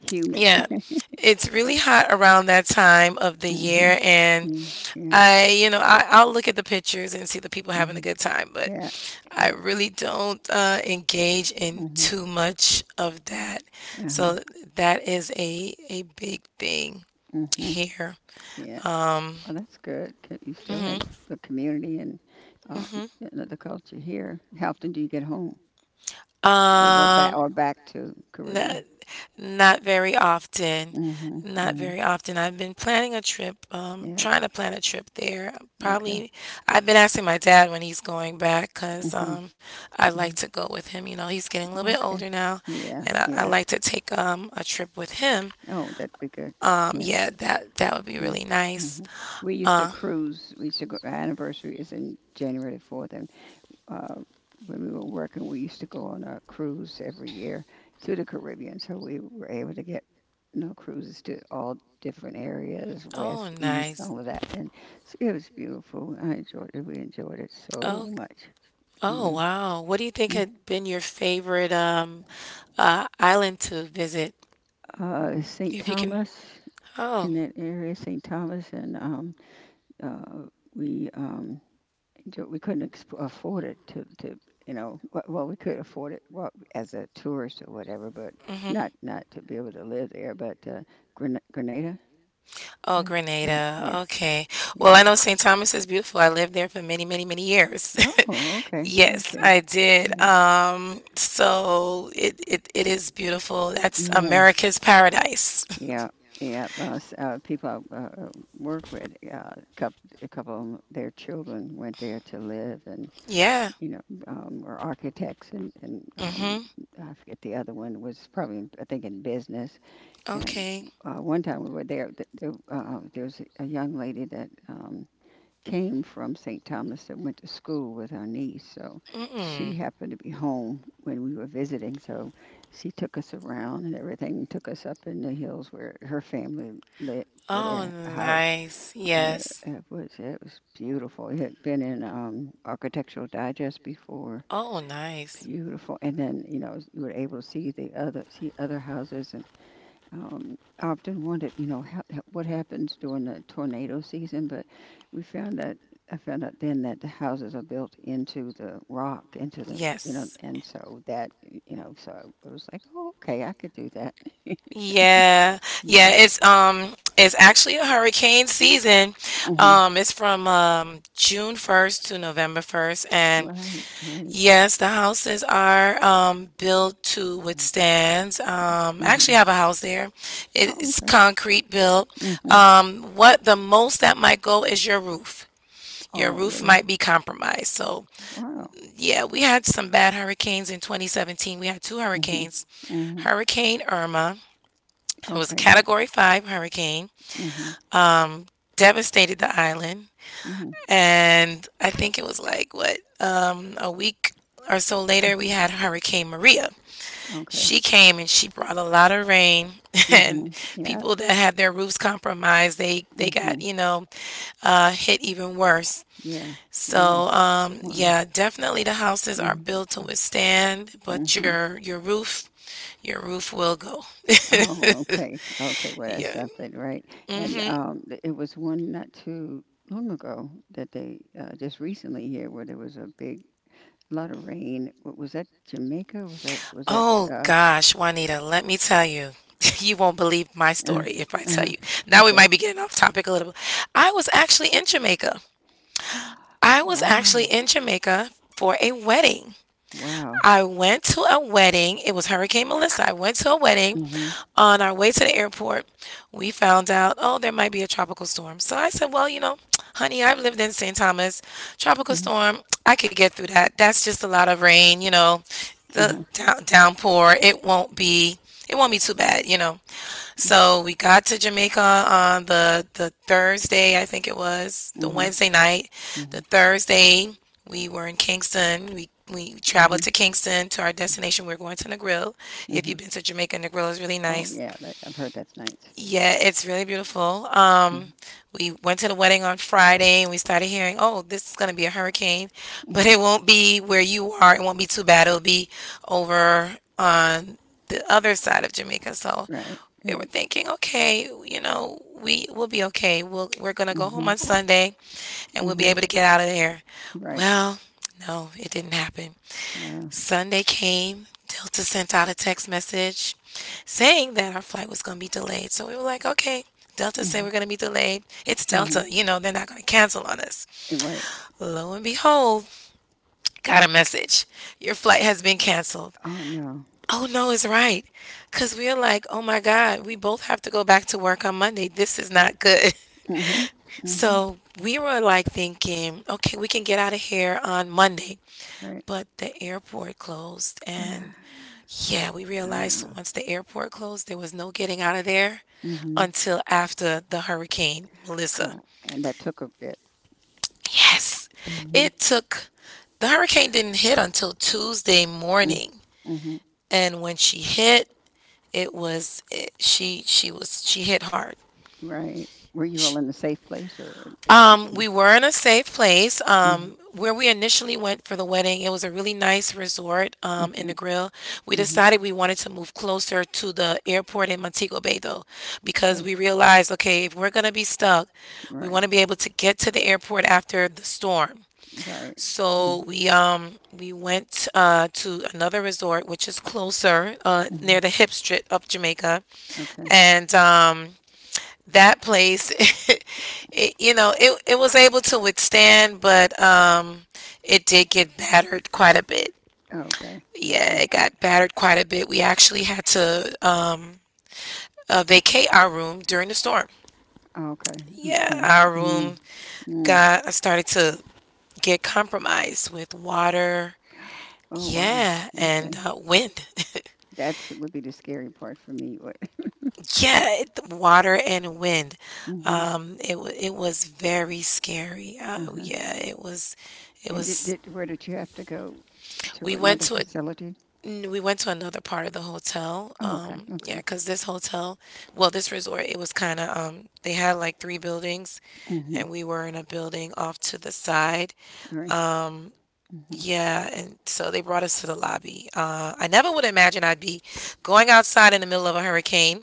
[SPEAKER 1] humid.
[SPEAKER 2] yeah, it's really hot around that time of the
[SPEAKER 1] hmm
[SPEAKER 2] year. And
[SPEAKER 1] Yeah, yeah,
[SPEAKER 2] I'll look at the pictures and see the people having a
[SPEAKER 1] mhm.
[SPEAKER 2] good time, but
[SPEAKER 1] Yeah,
[SPEAKER 2] I
[SPEAKER 1] yeah.
[SPEAKER 2] really don't engage in
[SPEAKER 1] hmm
[SPEAKER 2] too much of that.
[SPEAKER 1] Uh-huh.
[SPEAKER 2] So that is a big thing
[SPEAKER 1] hmm
[SPEAKER 2] here.
[SPEAKER 1] Yeah.
[SPEAKER 2] Um,
[SPEAKER 1] Well, that's good, 'cause you still have
[SPEAKER 2] mhm,
[SPEAKER 1] the community and um,
[SPEAKER 2] mhm.
[SPEAKER 1] you know, the culture here. How often do you get home or go back
[SPEAKER 2] Um,
[SPEAKER 1] or back to
[SPEAKER 2] not,
[SPEAKER 1] Caribbean?
[SPEAKER 2] not very often.
[SPEAKER 1] Hmm
[SPEAKER 2] Not
[SPEAKER 1] hmm
[SPEAKER 2] very often. I've been planning a trip,
[SPEAKER 1] Yeah.
[SPEAKER 2] trying to plan a trip there.
[SPEAKER 1] Okay.
[SPEAKER 2] Probably, I've been asking my dad when he's going back because
[SPEAKER 1] hmm
[SPEAKER 2] I like
[SPEAKER 1] hmm
[SPEAKER 2] to go with him. He's getting a little bit
[SPEAKER 1] Okay.
[SPEAKER 2] older now,
[SPEAKER 1] Yeah.
[SPEAKER 2] and I
[SPEAKER 1] Yeah.
[SPEAKER 2] like to take a trip with him.
[SPEAKER 1] Oh, that'd be good.
[SPEAKER 2] Um,
[SPEAKER 1] Yeah.
[SPEAKER 2] yeah, that would be
[SPEAKER 1] Mm,
[SPEAKER 2] really nice.
[SPEAKER 1] mhm. We used to
[SPEAKER 2] Uh,
[SPEAKER 1] cruise. We used to go. Our anniversary is in January the 4th, and uh, when we were working, we used to go on a cruise every year to the Caribbean. So we were able to get, you know, cruises to all different areas,
[SPEAKER 2] oh,
[SPEAKER 1] west, east,
[SPEAKER 2] nice.
[SPEAKER 1] all of that. And it was beautiful. I enjoyed it. We enjoyed it so
[SPEAKER 2] Oh.
[SPEAKER 1] much. You
[SPEAKER 2] Oh,
[SPEAKER 1] know.
[SPEAKER 2] wow. What do you think
[SPEAKER 1] Mm-hmm.
[SPEAKER 2] had been your favorite island to visit?
[SPEAKER 1] St.
[SPEAKER 2] If you can.
[SPEAKER 1] Thomas
[SPEAKER 2] Oh.
[SPEAKER 1] in that area, St. Thomas, and uh, we um, we couldn't afford it well, we could afford it well, as a tourist or whatever, but
[SPEAKER 2] Hmm.
[SPEAKER 1] not to be able to live there. But Grenada, I
[SPEAKER 2] Oh,
[SPEAKER 1] think. Mm,
[SPEAKER 2] Grenada.
[SPEAKER 1] yeah,
[SPEAKER 2] Okay. Well,
[SPEAKER 1] yeah.
[SPEAKER 2] I know St. Thomas is beautiful. I lived there for many, many, many years.
[SPEAKER 1] Oh, okay,
[SPEAKER 2] Yes,
[SPEAKER 1] okay,
[SPEAKER 2] I did.
[SPEAKER 1] yeah,
[SPEAKER 2] So it is beautiful. That's
[SPEAKER 1] yeah,
[SPEAKER 2] America's paradise.
[SPEAKER 1] yeah, yeah. People I uh, work with, coup a couple of 'em, their children went there to live, and
[SPEAKER 2] Yeah.
[SPEAKER 1] were architects, and
[SPEAKER 2] Mm-hmm.
[SPEAKER 1] I forget the other one was probably, I think, in business. And
[SPEAKER 2] Okay.
[SPEAKER 1] one time we were there, there's a young lady that came from St. Thomas that went to school with our niece. So she
[SPEAKER 2] Mm-mm.
[SPEAKER 1] happened to be home when we were visiting. So she took us around and everything, took us up in the hills where her family lived for
[SPEAKER 2] Oh,
[SPEAKER 1] their house.
[SPEAKER 2] nice.
[SPEAKER 1] And
[SPEAKER 2] Yes.
[SPEAKER 1] it was beautiful. It had been in Architectural Digest before.
[SPEAKER 2] Oh, nice.
[SPEAKER 1] Beautiful. And then, you were able to see the other see other houses. And I often wondered, what happens during the tornado season. But we found that I found out then that the houses are built into the rock, into the, you know,
[SPEAKER 2] Yes.
[SPEAKER 1] and so that, so it was like, oh, okay, I could do that.
[SPEAKER 2] Yeah.
[SPEAKER 1] Yeah.
[SPEAKER 2] Yeah, it's actually a hurricane season.
[SPEAKER 1] Hmm.
[SPEAKER 2] It's from June 1st to November 1st, and
[SPEAKER 1] Right. Right.
[SPEAKER 2] yes, the houses are built to withstand. I actually
[SPEAKER 1] Hmm.
[SPEAKER 2] have a house there. It-
[SPEAKER 1] Oh,
[SPEAKER 2] It's
[SPEAKER 1] okay.
[SPEAKER 2] concrete built.
[SPEAKER 1] Hmm.
[SPEAKER 2] What the most that might go is your roof. Your
[SPEAKER 1] Oh,
[SPEAKER 2] roof
[SPEAKER 1] really?
[SPEAKER 2] might be compromised. So,
[SPEAKER 1] Wow.
[SPEAKER 2] yeah, we had some bad hurricanes in 2017. We had two
[SPEAKER 1] Hmm.
[SPEAKER 2] hurricanes.
[SPEAKER 1] Hmm.
[SPEAKER 2] Hurricane Irma, it was a
[SPEAKER 1] Okay. Yeah.
[SPEAKER 2] category 5 hurricane,
[SPEAKER 1] Hmm.
[SPEAKER 2] um devastated the island,
[SPEAKER 1] Hmm.
[SPEAKER 2] and I think it was like what a week or so later we had Hurricane Maria.
[SPEAKER 1] Okay.
[SPEAKER 2] She came and she brought a lot of rain and
[SPEAKER 1] Hmm. Yeah.
[SPEAKER 2] people that had their roofs compromised, they got,
[SPEAKER 1] Hmm.
[SPEAKER 2] hit even worse.
[SPEAKER 1] Yeah.
[SPEAKER 2] So,
[SPEAKER 1] Yes. Wow.
[SPEAKER 2] yeah, definitely the houses are
[SPEAKER 1] Hmm.
[SPEAKER 2] built to withstand, but
[SPEAKER 1] Mm-hmm.
[SPEAKER 2] your roof will go.
[SPEAKER 1] Oh, okay. Okay, well that's
[SPEAKER 2] Yeah.
[SPEAKER 1] something, right? And
[SPEAKER 2] Hmm.
[SPEAKER 1] it was one not too long ago that they just recently here where there was a big lot of rain. Was that Jamaica? Was that?
[SPEAKER 2] Oh
[SPEAKER 1] Uh,
[SPEAKER 2] gosh, Juanita, let me tell you. You won't believe my
[SPEAKER 1] uh,
[SPEAKER 2] story if I tell
[SPEAKER 1] uh,
[SPEAKER 2] you. Now we
[SPEAKER 1] okay.
[SPEAKER 2] might be getting off topic a little bit. I was actually in Jamaica. I was actually
[SPEAKER 1] Wow.
[SPEAKER 2] in Jamaica for a wedding.
[SPEAKER 1] Wow.
[SPEAKER 2] I went to a wedding. It was Hurricane Melissa. I went to a wedding.
[SPEAKER 1] Hmm.
[SPEAKER 2] On our way to the airport, we found out, oh, there might be a tropical storm. So I said, well, you know, honey, I've lived in St. Thomas. Tropical
[SPEAKER 1] Hmm.
[SPEAKER 2] storm, I could get through that. That's just a lot of rain, the
[SPEAKER 1] Uh-huh.
[SPEAKER 2] downpour. It won't be. It won't be too bad. So we got to Jamaica on the Thursday, I think it was the
[SPEAKER 1] Hmm.
[SPEAKER 2] Wednesday night. The
[SPEAKER 1] Hmm.
[SPEAKER 2] Thursday we were in Kingston. We traveled
[SPEAKER 1] Hmm.
[SPEAKER 2] to Kingston to our destination. We are going to Negril. If
[SPEAKER 1] Hmm.
[SPEAKER 2] you've been to Jamaica, Negril is really
[SPEAKER 1] Oh
[SPEAKER 2] nice.
[SPEAKER 1] yeah, I've heard that's nice.
[SPEAKER 2] Yeah, it's really beautiful.
[SPEAKER 1] Mm-hmm.
[SPEAKER 2] We went to the wedding on Friday and we started hearing, oh, this is going to be a hurricane, but
[SPEAKER 1] Mm-hmm.
[SPEAKER 2] it won't be where you are. It won't be too bad. It'll be over on the other side of Jamaica. So
[SPEAKER 1] Right.
[SPEAKER 2] we were
[SPEAKER 1] Right.
[SPEAKER 2] thinking, okay, we will be okay. We're going to go home
[SPEAKER 1] Hmm.
[SPEAKER 2] on Sunday and we'll be
[SPEAKER 1] Hmm.
[SPEAKER 2] able to get out of there.
[SPEAKER 1] Right.
[SPEAKER 2] Well, no, it didn't happen.
[SPEAKER 1] Wow.
[SPEAKER 2] Sunday came, Delta sent out a text message saying that our flight was going to be delayed. So we were like, okay, Delta said
[SPEAKER 1] Mhm.
[SPEAKER 2] we're going to be delayed. It's
[SPEAKER 1] Hmm.
[SPEAKER 2] Delta. They're not going to cancel on us.
[SPEAKER 1] Eh, right.
[SPEAKER 2] Lo and behold, got a message. Your flight has been canceled.
[SPEAKER 1] Oh no.
[SPEAKER 2] Oh, no, it's right. Because we're like, oh my God, we both have to go back to work on Monday. This is not good.
[SPEAKER 1] Mhm. Mhm.
[SPEAKER 2] So we were like thinking, okay, we can get out of here on Monday.
[SPEAKER 1] Right.
[SPEAKER 2] But the airport closed, and yeah, we realized
[SPEAKER 1] Ah.
[SPEAKER 2] once the airport closed, there was no getting out of there
[SPEAKER 1] Mhm.
[SPEAKER 2] until after the hurricane Melissa.
[SPEAKER 1] Wow. And that took a bit.
[SPEAKER 2] Yes,
[SPEAKER 1] Mhm.
[SPEAKER 2] it took, the hurricane didn't hit until Tuesday
[SPEAKER 1] Mm,
[SPEAKER 2] morning.
[SPEAKER 1] mhm.
[SPEAKER 2] And when she hit, she hit hard.
[SPEAKER 1] Right. Were you all
[SPEAKER 2] She,
[SPEAKER 1] in a safe place, or? Mhm.
[SPEAKER 2] We were in a safe place.
[SPEAKER 1] Mhm.
[SPEAKER 2] Where we initially went for the wedding, it was a really nice resort in the
[SPEAKER 1] Mhm.
[SPEAKER 2] grill. We
[SPEAKER 1] Mhm.
[SPEAKER 2] decided we wanted to move closer to the airport in Montego Bay, though, because
[SPEAKER 1] Okay.
[SPEAKER 2] we realized okay, if we're going to be stuck, we
[SPEAKER 1] Right.
[SPEAKER 2] want to be able to get to the airport after the storm.
[SPEAKER 1] Right. Mm,
[SPEAKER 2] So we went to another resort which is closer near
[SPEAKER 1] mhm.
[SPEAKER 2] the hip strip of Jamaica,
[SPEAKER 1] Okay.
[SPEAKER 2] and that place it, you know it, it was able to withstand, but it did get battered quite a bit,
[SPEAKER 1] Okay.
[SPEAKER 2] yeah,
[SPEAKER 1] Okay.
[SPEAKER 2] it got battered quite a bit. We actually had to vacate our room during the storm.
[SPEAKER 1] Okay.
[SPEAKER 2] Yeah,
[SPEAKER 1] Okay.
[SPEAKER 2] our
[SPEAKER 1] Mm.
[SPEAKER 2] room
[SPEAKER 1] Mm.
[SPEAKER 2] got started to get compromised with water,
[SPEAKER 1] Oh wow.
[SPEAKER 2] yeah, and
[SPEAKER 1] Okay.
[SPEAKER 2] wind.
[SPEAKER 1] That's would be the scary part for me. What?
[SPEAKER 2] Yeah, water and wind.
[SPEAKER 1] Mhm.
[SPEAKER 2] It was very scary. Oh,
[SPEAKER 1] Uh-huh.
[SPEAKER 2] yeah, it was it
[SPEAKER 1] And
[SPEAKER 2] was
[SPEAKER 1] did where did you have to go to
[SPEAKER 2] We went
[SPEAKER 1] another
[SPEAKER 2] to a
[SPEAKER 1] facility?
[SPEAKER 2] n- we went to another part of the hotel.
[SPEAKER 1] Oh, okay,
[SPEAKER 2] Yeah,
[SPEAKER 1] okay.
[SPEAKER 2] because this hotel, well, this resort, it was kind of they had like three buildings,
[SPEAKER 1] Mm-hmm.
[SPEAKER 2] and we were in a building off to the side.
[SPEAKER 1] All right.
[SPEAKER 2] Um,
[SPEAKER 1] Mm-hmm.
[SPEAKER 2] yeah, and so they brought us to the lobby. I never would imagine I'd be going outside in the middle of a hurricane,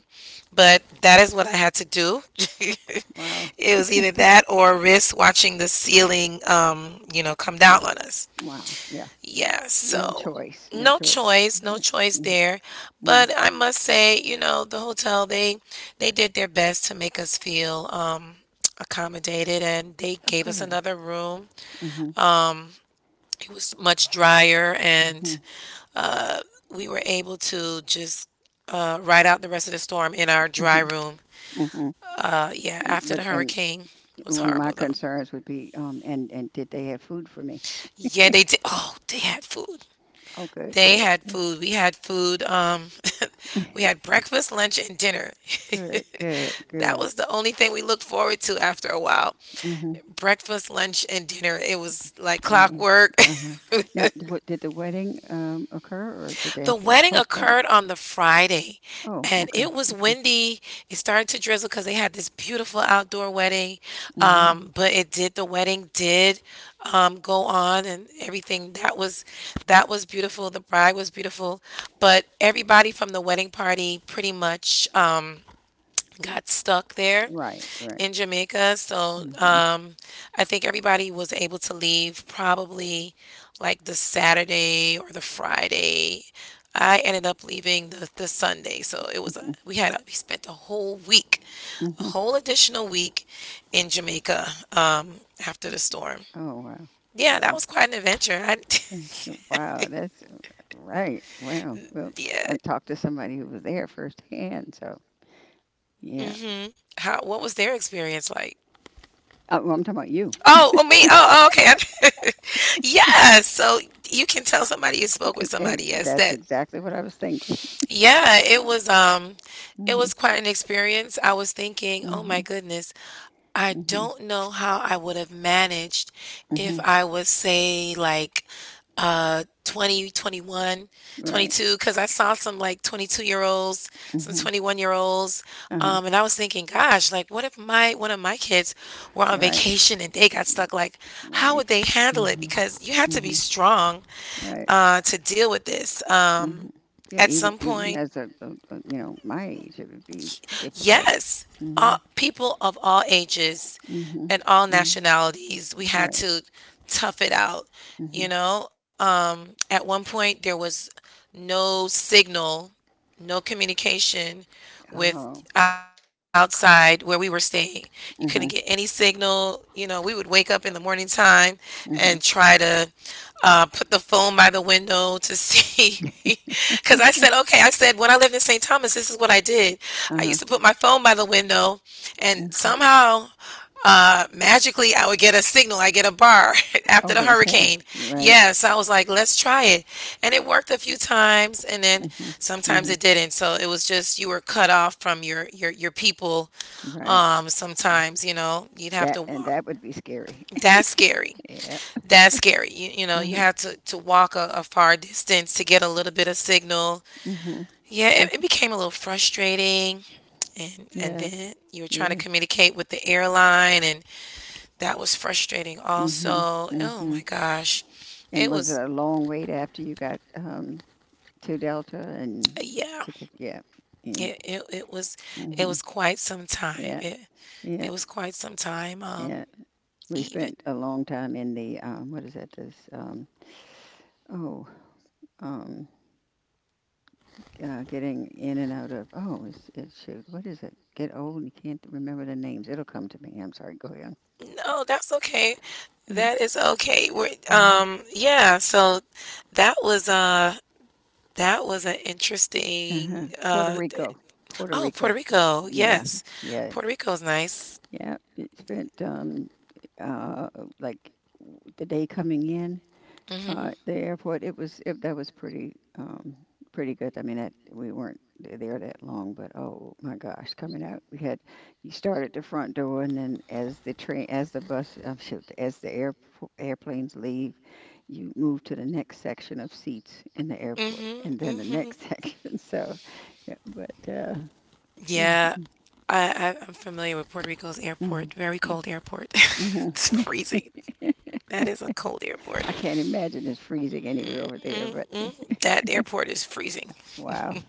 [SPEAKER 2] but that is what I had to do.
[SPEAKER 1] Wow.
[SPEAKER 2] It was either that or risk watching the ceiling, come down on us.
[SPEAKER 1] Wow. Yeah. Yeah.
[SPEAKER 2] Yeah,
[SPEAKER 1] No
[SPEAKER 2] so
[SPEAKER 1] choice. No
[SPEAKER 2] no
[SPEAKER 1] choice.
[SPEAKER 2] choice, no
[SPEAKER 1] Yeah.
[SPEAKER 2] choice there.
[SPEAKER 1] Mm-hmm.
[SPEAKER 2] But I must say, the hotel they did their best to make us feel accommodated, and they
[SPEAKER 1] Oh,
[SPEAKER 2] gave us
[SPEAKER 1] good.
[SPEAKER 2] another room.
[SPEAKER 1] Mm-hmm.
[SPEAKER 2] It was much drier,
[SPEAKER 1] Mm-hmm.
[SPEAKER 2] and uh we were able to just ride out the rest of the storm in our dry
[SPEAKER 1] Mm-hmm.
[SPEAKER 2] room.
[SPEAKER 1] Mm-hmm.
[SPEAKER 2] Yeah,
[SPEAKER 1] And,
[SPEAKER 2] after the
[SPEAKER 1] but and
[SPEAKER 2] hurricane, it was
[SPEAKER 1] one of my
[SPEAKER 2] horrible though.
[SPEAKER 1] concerns would be, and did they have food for me?
[SPEAKER 2] Yeah, they did. Oh, they had food.
[SPEAKER 1] Oh, good.
[SPEAKER 2] They
[SPEAKER 1] Good.
[SPEAKER 2] had food. We had food. We had breakfast, lunch, and dinner.
[SPEAKER 1] Good. Good.
[SPEAKER 2] That
[SPEAKER 1] Good.
[SPEAKER 2] was the only thing we looked forward to after a while.
[SPEAKER 1] Mm-hmm.
[SPEAKER 2] Breakfast, lunch, and dinner. It was like
[SPEAKER 1] Right.
[SPEAKER 2] clockwork.
[SPEAKER 1] Uh-huh. Now, what, did the wedding occur, or did they
[SPEAKER 2] The
[SPEAKER 1] have to
[SPEAKER 2] wedding
[SPEAKER 1] postpone
[SPEAKER 2] occurred
[SPEAKER 1] it?
[SPEAKER 2] on the Friday
[SPEAKER 1] Oh,
[SPEAKER 2] and
[SPEAKER 1] okay.
[SPEAKER 2] it was
[SPEAKER 1] Okay.
[SPEAKER 2] windy. It started to drizzle because they had this beautiful outdoor wedding.
[SPEAKER 1] Mhm.
[SPEAKER 2] But the wedding did go on and everything. That was beautiful. The bride was beautiful. But everybody from the wedding party pretty much got stuck there
[SPEAKER 1] Right, right.
[SPEAKER 2] in Jamaica. So
[SPEAKER 1] Mhm,
[SPEAKER 2] I think everybody was able to leave probably like the Saturday or the Friday. I ended up leaving the Sunday. So it was a,
[SPEAKER 1] mhm,
[SPEAKER 2] we had a, we spent a whole week, a
[SPEAKER 1] mhm.
[SPEAKER 2] whole additional week in Jamaica after the storm.
[SPEAKER 1] Oh, wow.
[SPEAKER 2] Yeah, that
[SPEAKER 1] Wow.
[SPEAKER 2] was quite an adventure. I,
[SPEAKER 1] Wow, that's right. Wow. Well,
[SPEAKER 2] yeah.
[SPEAKER 1] I talked to somebody who was there firsthand, so yeah.
[SPEAKER 2] Hmm. How what was their experience like?
[SPEAKER 1] Well, I'm talking about you.
[SPEAKER 2] Oh, oh, me. Oh, oh, okay. Yes. So you can tell somebody you spoke with somebody. Yes,
[SPEAKER 1] That's
[SPEAKER 2] that
[SPEAKER 1] exactly what I was thinking.
[SPEAKER 2] yeah, it was um it
[SPEAKER 1] Hmm.
[SPEAKER 2] was quite an experience. I was thinking, "Oh my
[SPEAKER 1] Hmm.
[SPEAKER 2] goodness, I
[SPEAKER 1] Hmm.
[SPEAKER 2] don't know how I would have managed if
[SPEAKER 1] Hmm.
[SPEAKER 2] I was say like 20, 21,
[SPEAKER 1] Right.
[SPEAKER 2] 22," because I saw some like 22-year-olds, some
[SPEAKER 1] Hmm.
[SPEAKER 2] 21-year-olds
[SPEAKER 1] Uh-huh.
[SPEAKER 2] and I was thinking, "Gosh, like what if my one of my kids were on
[SPEAKER 1] Right.
[SPEAKER 2] vacation and they got stuck? Like how
[SPEAKER 1] Right.
[SPEAKER 2] would they handle it?"
[SPEAKER 1] Hmm.
[SPEAKER 2] Because you have to be
[SPEAKER 1] Hmm.
[SPEAKER 2] strong
[SPEAKER 1] Right.
[SPEAKER 2] to deal with this.
[SPEAKER 1] Hmm. Yeah,
[SPEAKER 2] At
[SPEAKER 1] even
[SPEAKER 2] some
[SPEAKER 1] even
[SPEAKER 2] point,
[SPEAKER 1] as my age, it would be difficult.
[SPEAKER 2] yes,
[SPEAKER 1] Mm-hmm.
[SPEAKER 2] people of all ages
[SPEAKER 1] Mm-hmm.
[SPEAKER 2] and all
[SPEAKER 1] Mm-hmm.
[SPEAKER 2] nationalities, we had
[SPEAKER 1] Right.
[SPEAKER 2] to tough it out. You
[SPEAKER 1] Mhm.
[SPEAKER 2] know, at one point, there was no signal, no communication with
[SPEAKER 1] Oh.
[SPEAKER 2] outside where we were staying. You couldn't get any
[SPEAKER 1] Mhm.
[SPEAKER 2] signal. You know, we would wake up in the morning time and
[SPEAKER 1] Mhm.
[SPEAKER 2] try to put the phone by the window to see. Because I said, okay, I said, when I lived in St. Thomas, this is what I did. I used to
[SPEAKER 1] Uh-huh.
[SPEAKER 2] put my phone by the window, and
[SPEAKER 1] Mhm.
[SPEAKER 2] somehow magically I would get a signal, I get a bar after the
[SPEAKER 1] Always have.
[SPEAKER 2] hurricane.
[SPEAKER 1] Right.
[SPEAKER 2] Yes, I was like, let's try it. And it worked a few times and then
[SPEAKER 1] Mhm.
[SPEAKER 2] sometimes
[SPEAKER 1] Mhm.
[SPEAKER 2] it didn't. So it was just you were cut off from your people
[SPEAKER 1] Right. Yeah.
[SPEAKER 2] sometimes, you know, you'd have
[SPEAKER 1] That
[SPEAKER 2] to
[SPEAKER 1] and
[SPEAKER 2] walk.
[SPEAKER 1] that would be scary.
[SPEAKER 2] That's scary.
[SPEAKER 1] Yeah.
[SPEAKER 2] That's scary. You, you
[SPEAKER 1] Uh-huh.
[SPEAKER 2] had to walk a far distance to get a little bit of signal.
[SPEAKER 1] Mhm.
[SPEAKER 2] Yeah,
[SPEAKER 1] Mm.
[SPEAKER 2] it became a little frustrating. And
[SPEAKER 1] Yes.
[SPEAKER 2] then you were trying to
[SPEAKER 1] Yes.
[SPEAKER 2] communicate with the airline, and that was frustrating
[SPEAKER 1] Mhm.
[SPEAKER 2] also. Oh
[SPEAKER 1] Mhm.
[SPEAKER 2] my gosh, it
[SPEAKER 1] And was it
[SPEAKER 2] was,
[SPEAKER 1] a long wait after you got to Delta and
[SPEAKER 2] yeah,
[SPEAKER 1] to get, yeah. Yeah.
[SPEAKER 2] it, it, it was it
[SPEAKER 1] Mhm.
[SPEAKER 2] was quite some time,
[SPEAKER 1] Yeah.
[SPEAKER 2] it
[SPEAKER 1] Yeah.
[SPEAKER 2] was quite some time,
[SPEAKER 1] Yeah. We
[SPEAKER 2] even.
[SPEAKER 1] spent a long time in the, what is that, this, oh um getting in and out of. Oh, it's, it shoot. What is it? Get old and you can't remember the names. It'll come to me. I'm sorry. Go ahead.
[SPEAKER 2] No, that's okay. That is okay. We're,
[SPEAKER 1] Mhm.
[SPEAKER 2] yeah, so that was, that was an
[SPEAKER 1] Uh-huh.
[SPEAKER 2] interesting,
[SPEAKER 1] Puerto Rico. Puerto
[SPEAKER 2] oh puerto
[SPEAKER 1] Rico.
[SPEAKER 2] Rico,
[SPEAKER 1] Yeah.
[SPEAKER 2] yes.
[SPEAKER 1] Yeah.
[SPEAKER 2] Puerto Rico's nice.
[SPEAKER 1] Yeah. It spent uh like the day coming in.
[SPEAKER 2] Mm-hmm.
[SPEAKER 1] The airport, that was pretty pretty good. I mean, that we weren't there that long, but oh my gosh, coming out, we had, you start at the front door, and then as the train, as the bus, shoot, as the air airplanes leave, you move to the next section of seats in the airport,
[SPEAKER 2] Mm-hmm.
[SPEAKER 1] and then the
[SPEAKER 2] Mm-hmm.
[SPEAKER 1] next section. So, yeah, but
[SPEAKER 2] Yeah,
[SPEAKER 1] mhm,
[SPEAKER 2] I'm familiar with Puerto Rico's
[SPEAKER 1] mhm.
[SPEAKER 2] airport. Very cold airport.
[SPEAKER 1] Mhm.
[SPEAKER 2] It's freezing. That is a cold airport.
[SPEAKER 1] I can't imagine it's freezing anywhere over there. But
[SPEAKER 2] Mm-mm. That airport is freezing.
[SPEAKER 1] wow.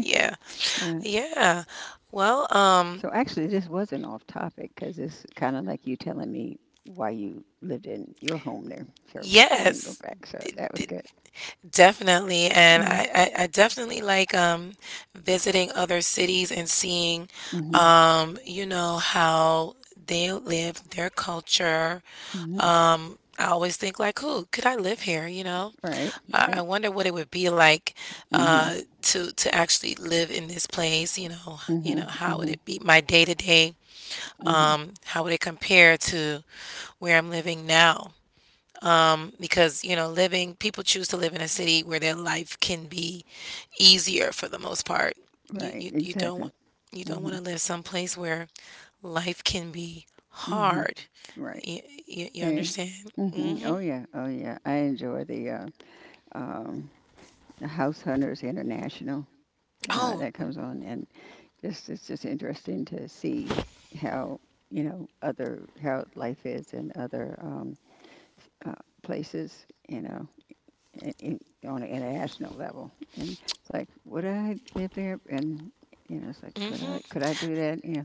[SPEAKER 2] Yeah.
[SPEAKER 1] Uh,
[SPEAKER 2] Yeah. Well,
[SPEAKER 1] So actually, this was not off topic because it's kind of like you telling me why you lived in your home there. So then go
[SPEAKER 2] yes.
[SPEAKER 1] back. So that was good.
[SPEAKER 2] Definitely, and I definitely like visiting other cities and seeing
[SPEAKER 1] Mm-hmm.
[SPEAKER 2] how they live, their culture.
[SPEAKER 1] Mm-hmm.
[SPEAKER 2] I always think like, who could I live here?
[SPEAKER 1] Right.
[SPEAKER 2] I
[SPEAKER 1] Right.
[SPEAKER 2] wonder what it would be like
[SPEAKER 1] Mm-hmm.
[SPEAKER 2] uh to actually live in this place.
[SPEAKER 1] Mm-hmm.
[SPEAKER 2] How would
[SPEAKER 1] Mm-hmm.
[SPEAKER 2] it be my day to day?
[SPEAKER 1] Mm-hmm.
[SPEAKER 2] How would it compare to where I'm living now? Because living people choose to live in a city where their life can be easier for the most part. you
[SPEAKER 1] Right.
[SPEAKER 2] you, you
[SPEAKER 1] Exactly.
[SPEAKER 2] don't you don't want
[SPEAKER 1] Mm-hmm.
[SPEAKER 2] to live someplace where life can be
[SPEAKER 1] Mm-hmm.
[SPEAKER 2] hard.
[SPEAKER 1] Right.
[SPEAKER 2] You, you, you
[SPEAKER 1] Hey.
[SPEAKER 2] understand.
[SPEAKER 1] Mm-hmm.
[SPEAKER 2] Hmm.
[SPEAKER 1] Oh yeah. Oh yeah. I enjoy the um, House Hunters International.
[SPEAKER 2] Oh.
[SPEAKER 1] That comes on, and Just it's just interesting to see how, you know, other, how life is in other, uh, places. You know, in, in, on an international level, and it's like, would I live there? And you know, it's like,
[SPEAKER 2] Hmm.
[SPEAKER 1] could I do that? Yeah,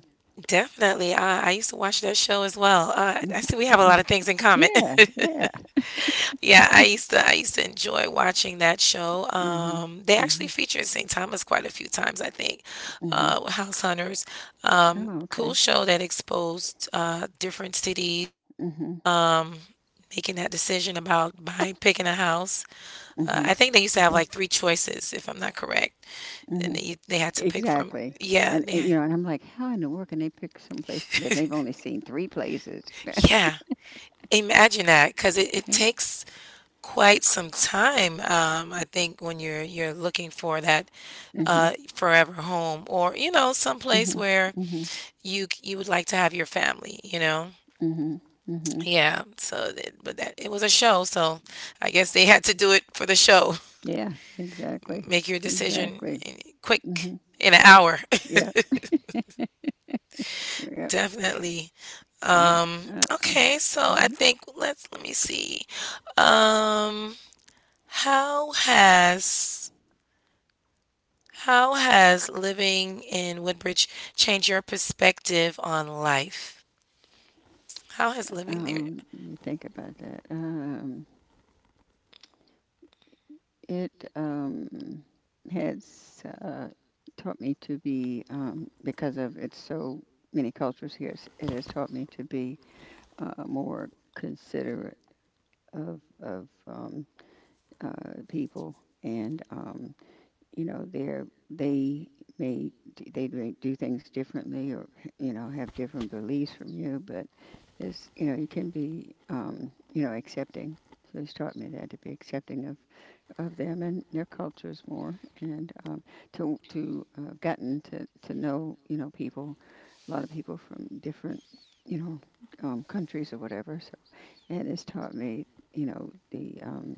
[SPEAKER 2] Definitely, I used to watch that show as well. I see we have a
[SPEAKER 1] mm-hmm.
[SPEAKER 2] lot of things in common.
[SPEAKER 1] Yeah, yeah.
[SPEAKER 2] Yeah, I used to enjoy watching that show.
[SPEAKER 1] Hmm.
[SPEAKER 2] They actually
[SPEAKER 1] Hmm.
[SPEAKER 2] featured St. Thomas quite a few times, I think.
[SPEAKER 1] Hmm.
[SPEAKER 2] House Hunters,
[SPEAKER 1] Oh,
[SPEAKER 2] cool
[SPEAKER 1] okay.
[SPEAKER 2] show that exposed different cities,
[SPEAKER 1] Hmm.
[SPEAKER 2] um, making that decision about buying, picking a house.
[SPEAKER 1] Hmm.
[SPEAKER 2] I think they used to have
[SPEAKER 1] Okay.
[SPEAKER 2] like three choices, if I'm not correct, and
[SPEAKER 1] Hmm.
[SPEAKER 2] they had to pick from.
[SPEAKER 1] Exactly.
[SPEAKER 2] Yeah,
[SPEAKER 1] And
[SPEAKER 2] yeah,
[SPEAKER 1] you know, and I'm like, how in the world can they pick some place to live? They've only seen three places.
[SPEAKER 2] yeah. Imagine that, because it takes quite some time. I think when you're looking for that,
[SPEAKER 1] Hmm.
[SPEAKER 2] forever home, or someplace
[SPEAKER 1] Mhm.
[SPEAKER 2] where
[SPEAKER 1] Mhm.
[SPEAKER 2] you would like to have your family,
[SPEAKER 1] Mhm. Mhm.
[SPEAKER 2] yeah, so but that, it was a show, so I guess they had to do it for the show.
[SPEAKER 1] Yeah, exactly.
[SPEAKER 2] Make your decision,
[SPEAKER 1] Exactly.
[SPEAKER 2] quick,
[SPEAKER 1] Hmm.
[SPEAKER 2] in an hour.
[SPEAKER 1] Yeah. Yeah.
[SPEAKER 2] Definitely.
[SPEAKER 1] And,
[SPEAKER 2] um
[SPEAKER 1] uh, uh,
[SPEAKER 2] okay, so I
[SPEAKER 1] mhm.
[SPEAKER 2] think, let me see. um how has how has living in Woodbridge changed your perspective on life? How has living there?
[SPEAKER 1] Let me think about that. It has taught me to be, because of it's so many cultures here, it has taught me to be more considerate of, people, and you know, they may they may do things differently, or you know, have different beliefs from you, but it's, you know, you can be, you know, accepting. So he's taught me that, to be accepting of them and their cultures more, and to I've gotten to know, you know, people, a lot of people from different, you know, countries or whatever. So, and it's taught me, you know, the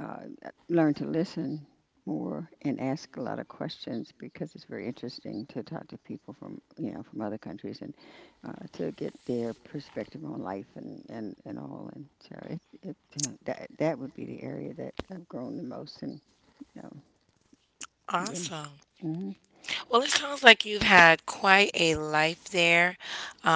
[SPEAKER 1] uh, learn to listen more and ask a lot of questions because it's very interesting to talk to people from, you know, from other countries, and to get their perspective on life, and all. And so it that would be the area that I've grown the most, and you know, been.
[SPEAKER 2] Awesome.
[SPEAKER 1] Mhm,
[SPEAKER 2] Well, it sounds like you've had quite a life there.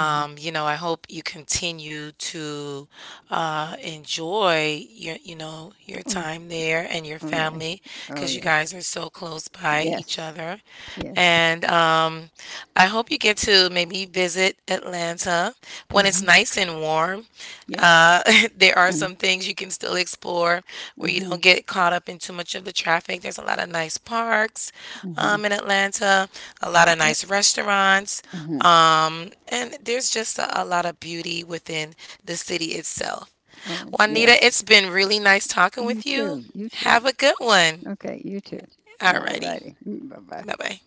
[SPEAKER 1] mhm.
[SPEAKER 2] you know, I hope you continue to enjoy your
[SPEAKER 1] Oh yeah.
[SPEAKER 2] time there and your
[SPEAKER 1] Oh yeah.
[SPEAKER 2] family,
[SPEAKER 1] Oh
[SPEAKER 2] because you guys
[SPEAKER 1] yes.
[SPEAKER 2] are so close by each
[SPEAKER 1] Yes.
[SPEAKER 2] other.
[SPEAKER 1] Yes.
[SPEAKER 2] And I hope you get to maybe visit Atlanta when it's
[SPEAKER 1] Hmm.
[SPEAKER 2] nice and warm.
[SPEAKER 1] Yes.
[SPEAKER 2] Uh, there are
[SPEAKER 1] Mm-hmm.
[SPEAKER 2] some things you can still explore where you
[SPEAKER 1] Mm-hmm.
[SPEAKER 2] don't get caught up in too much of the traffic. There's a lot of nice parks, in Atlanta, a lot of
[SPEAKER 1] Yep.
[SPEAKER 2] nice restaurants,
[SPEAKER 1] Hmm.
[SPEAKER 2] and there's just a lot of beauty within the city itself.
[SPEAKER 1] Oh
[SPEAKER 2] Juanita,
[SPEAKER 1] yes.
[SPEAKER 2] it's been really nice talking
[SPEAKER 1] You
[SPEAKER 2] with you.
[SPEAKER 1] too. You too.
[SPEAKER 2] Have a good one.
[SPEAKER 1] Okay, you too. Yeah,
[SPEAKER 2] Alrighty.
[SPEAKER 1] righty. Mm, bye-bye.
[SPEAKER 2] Bye bye.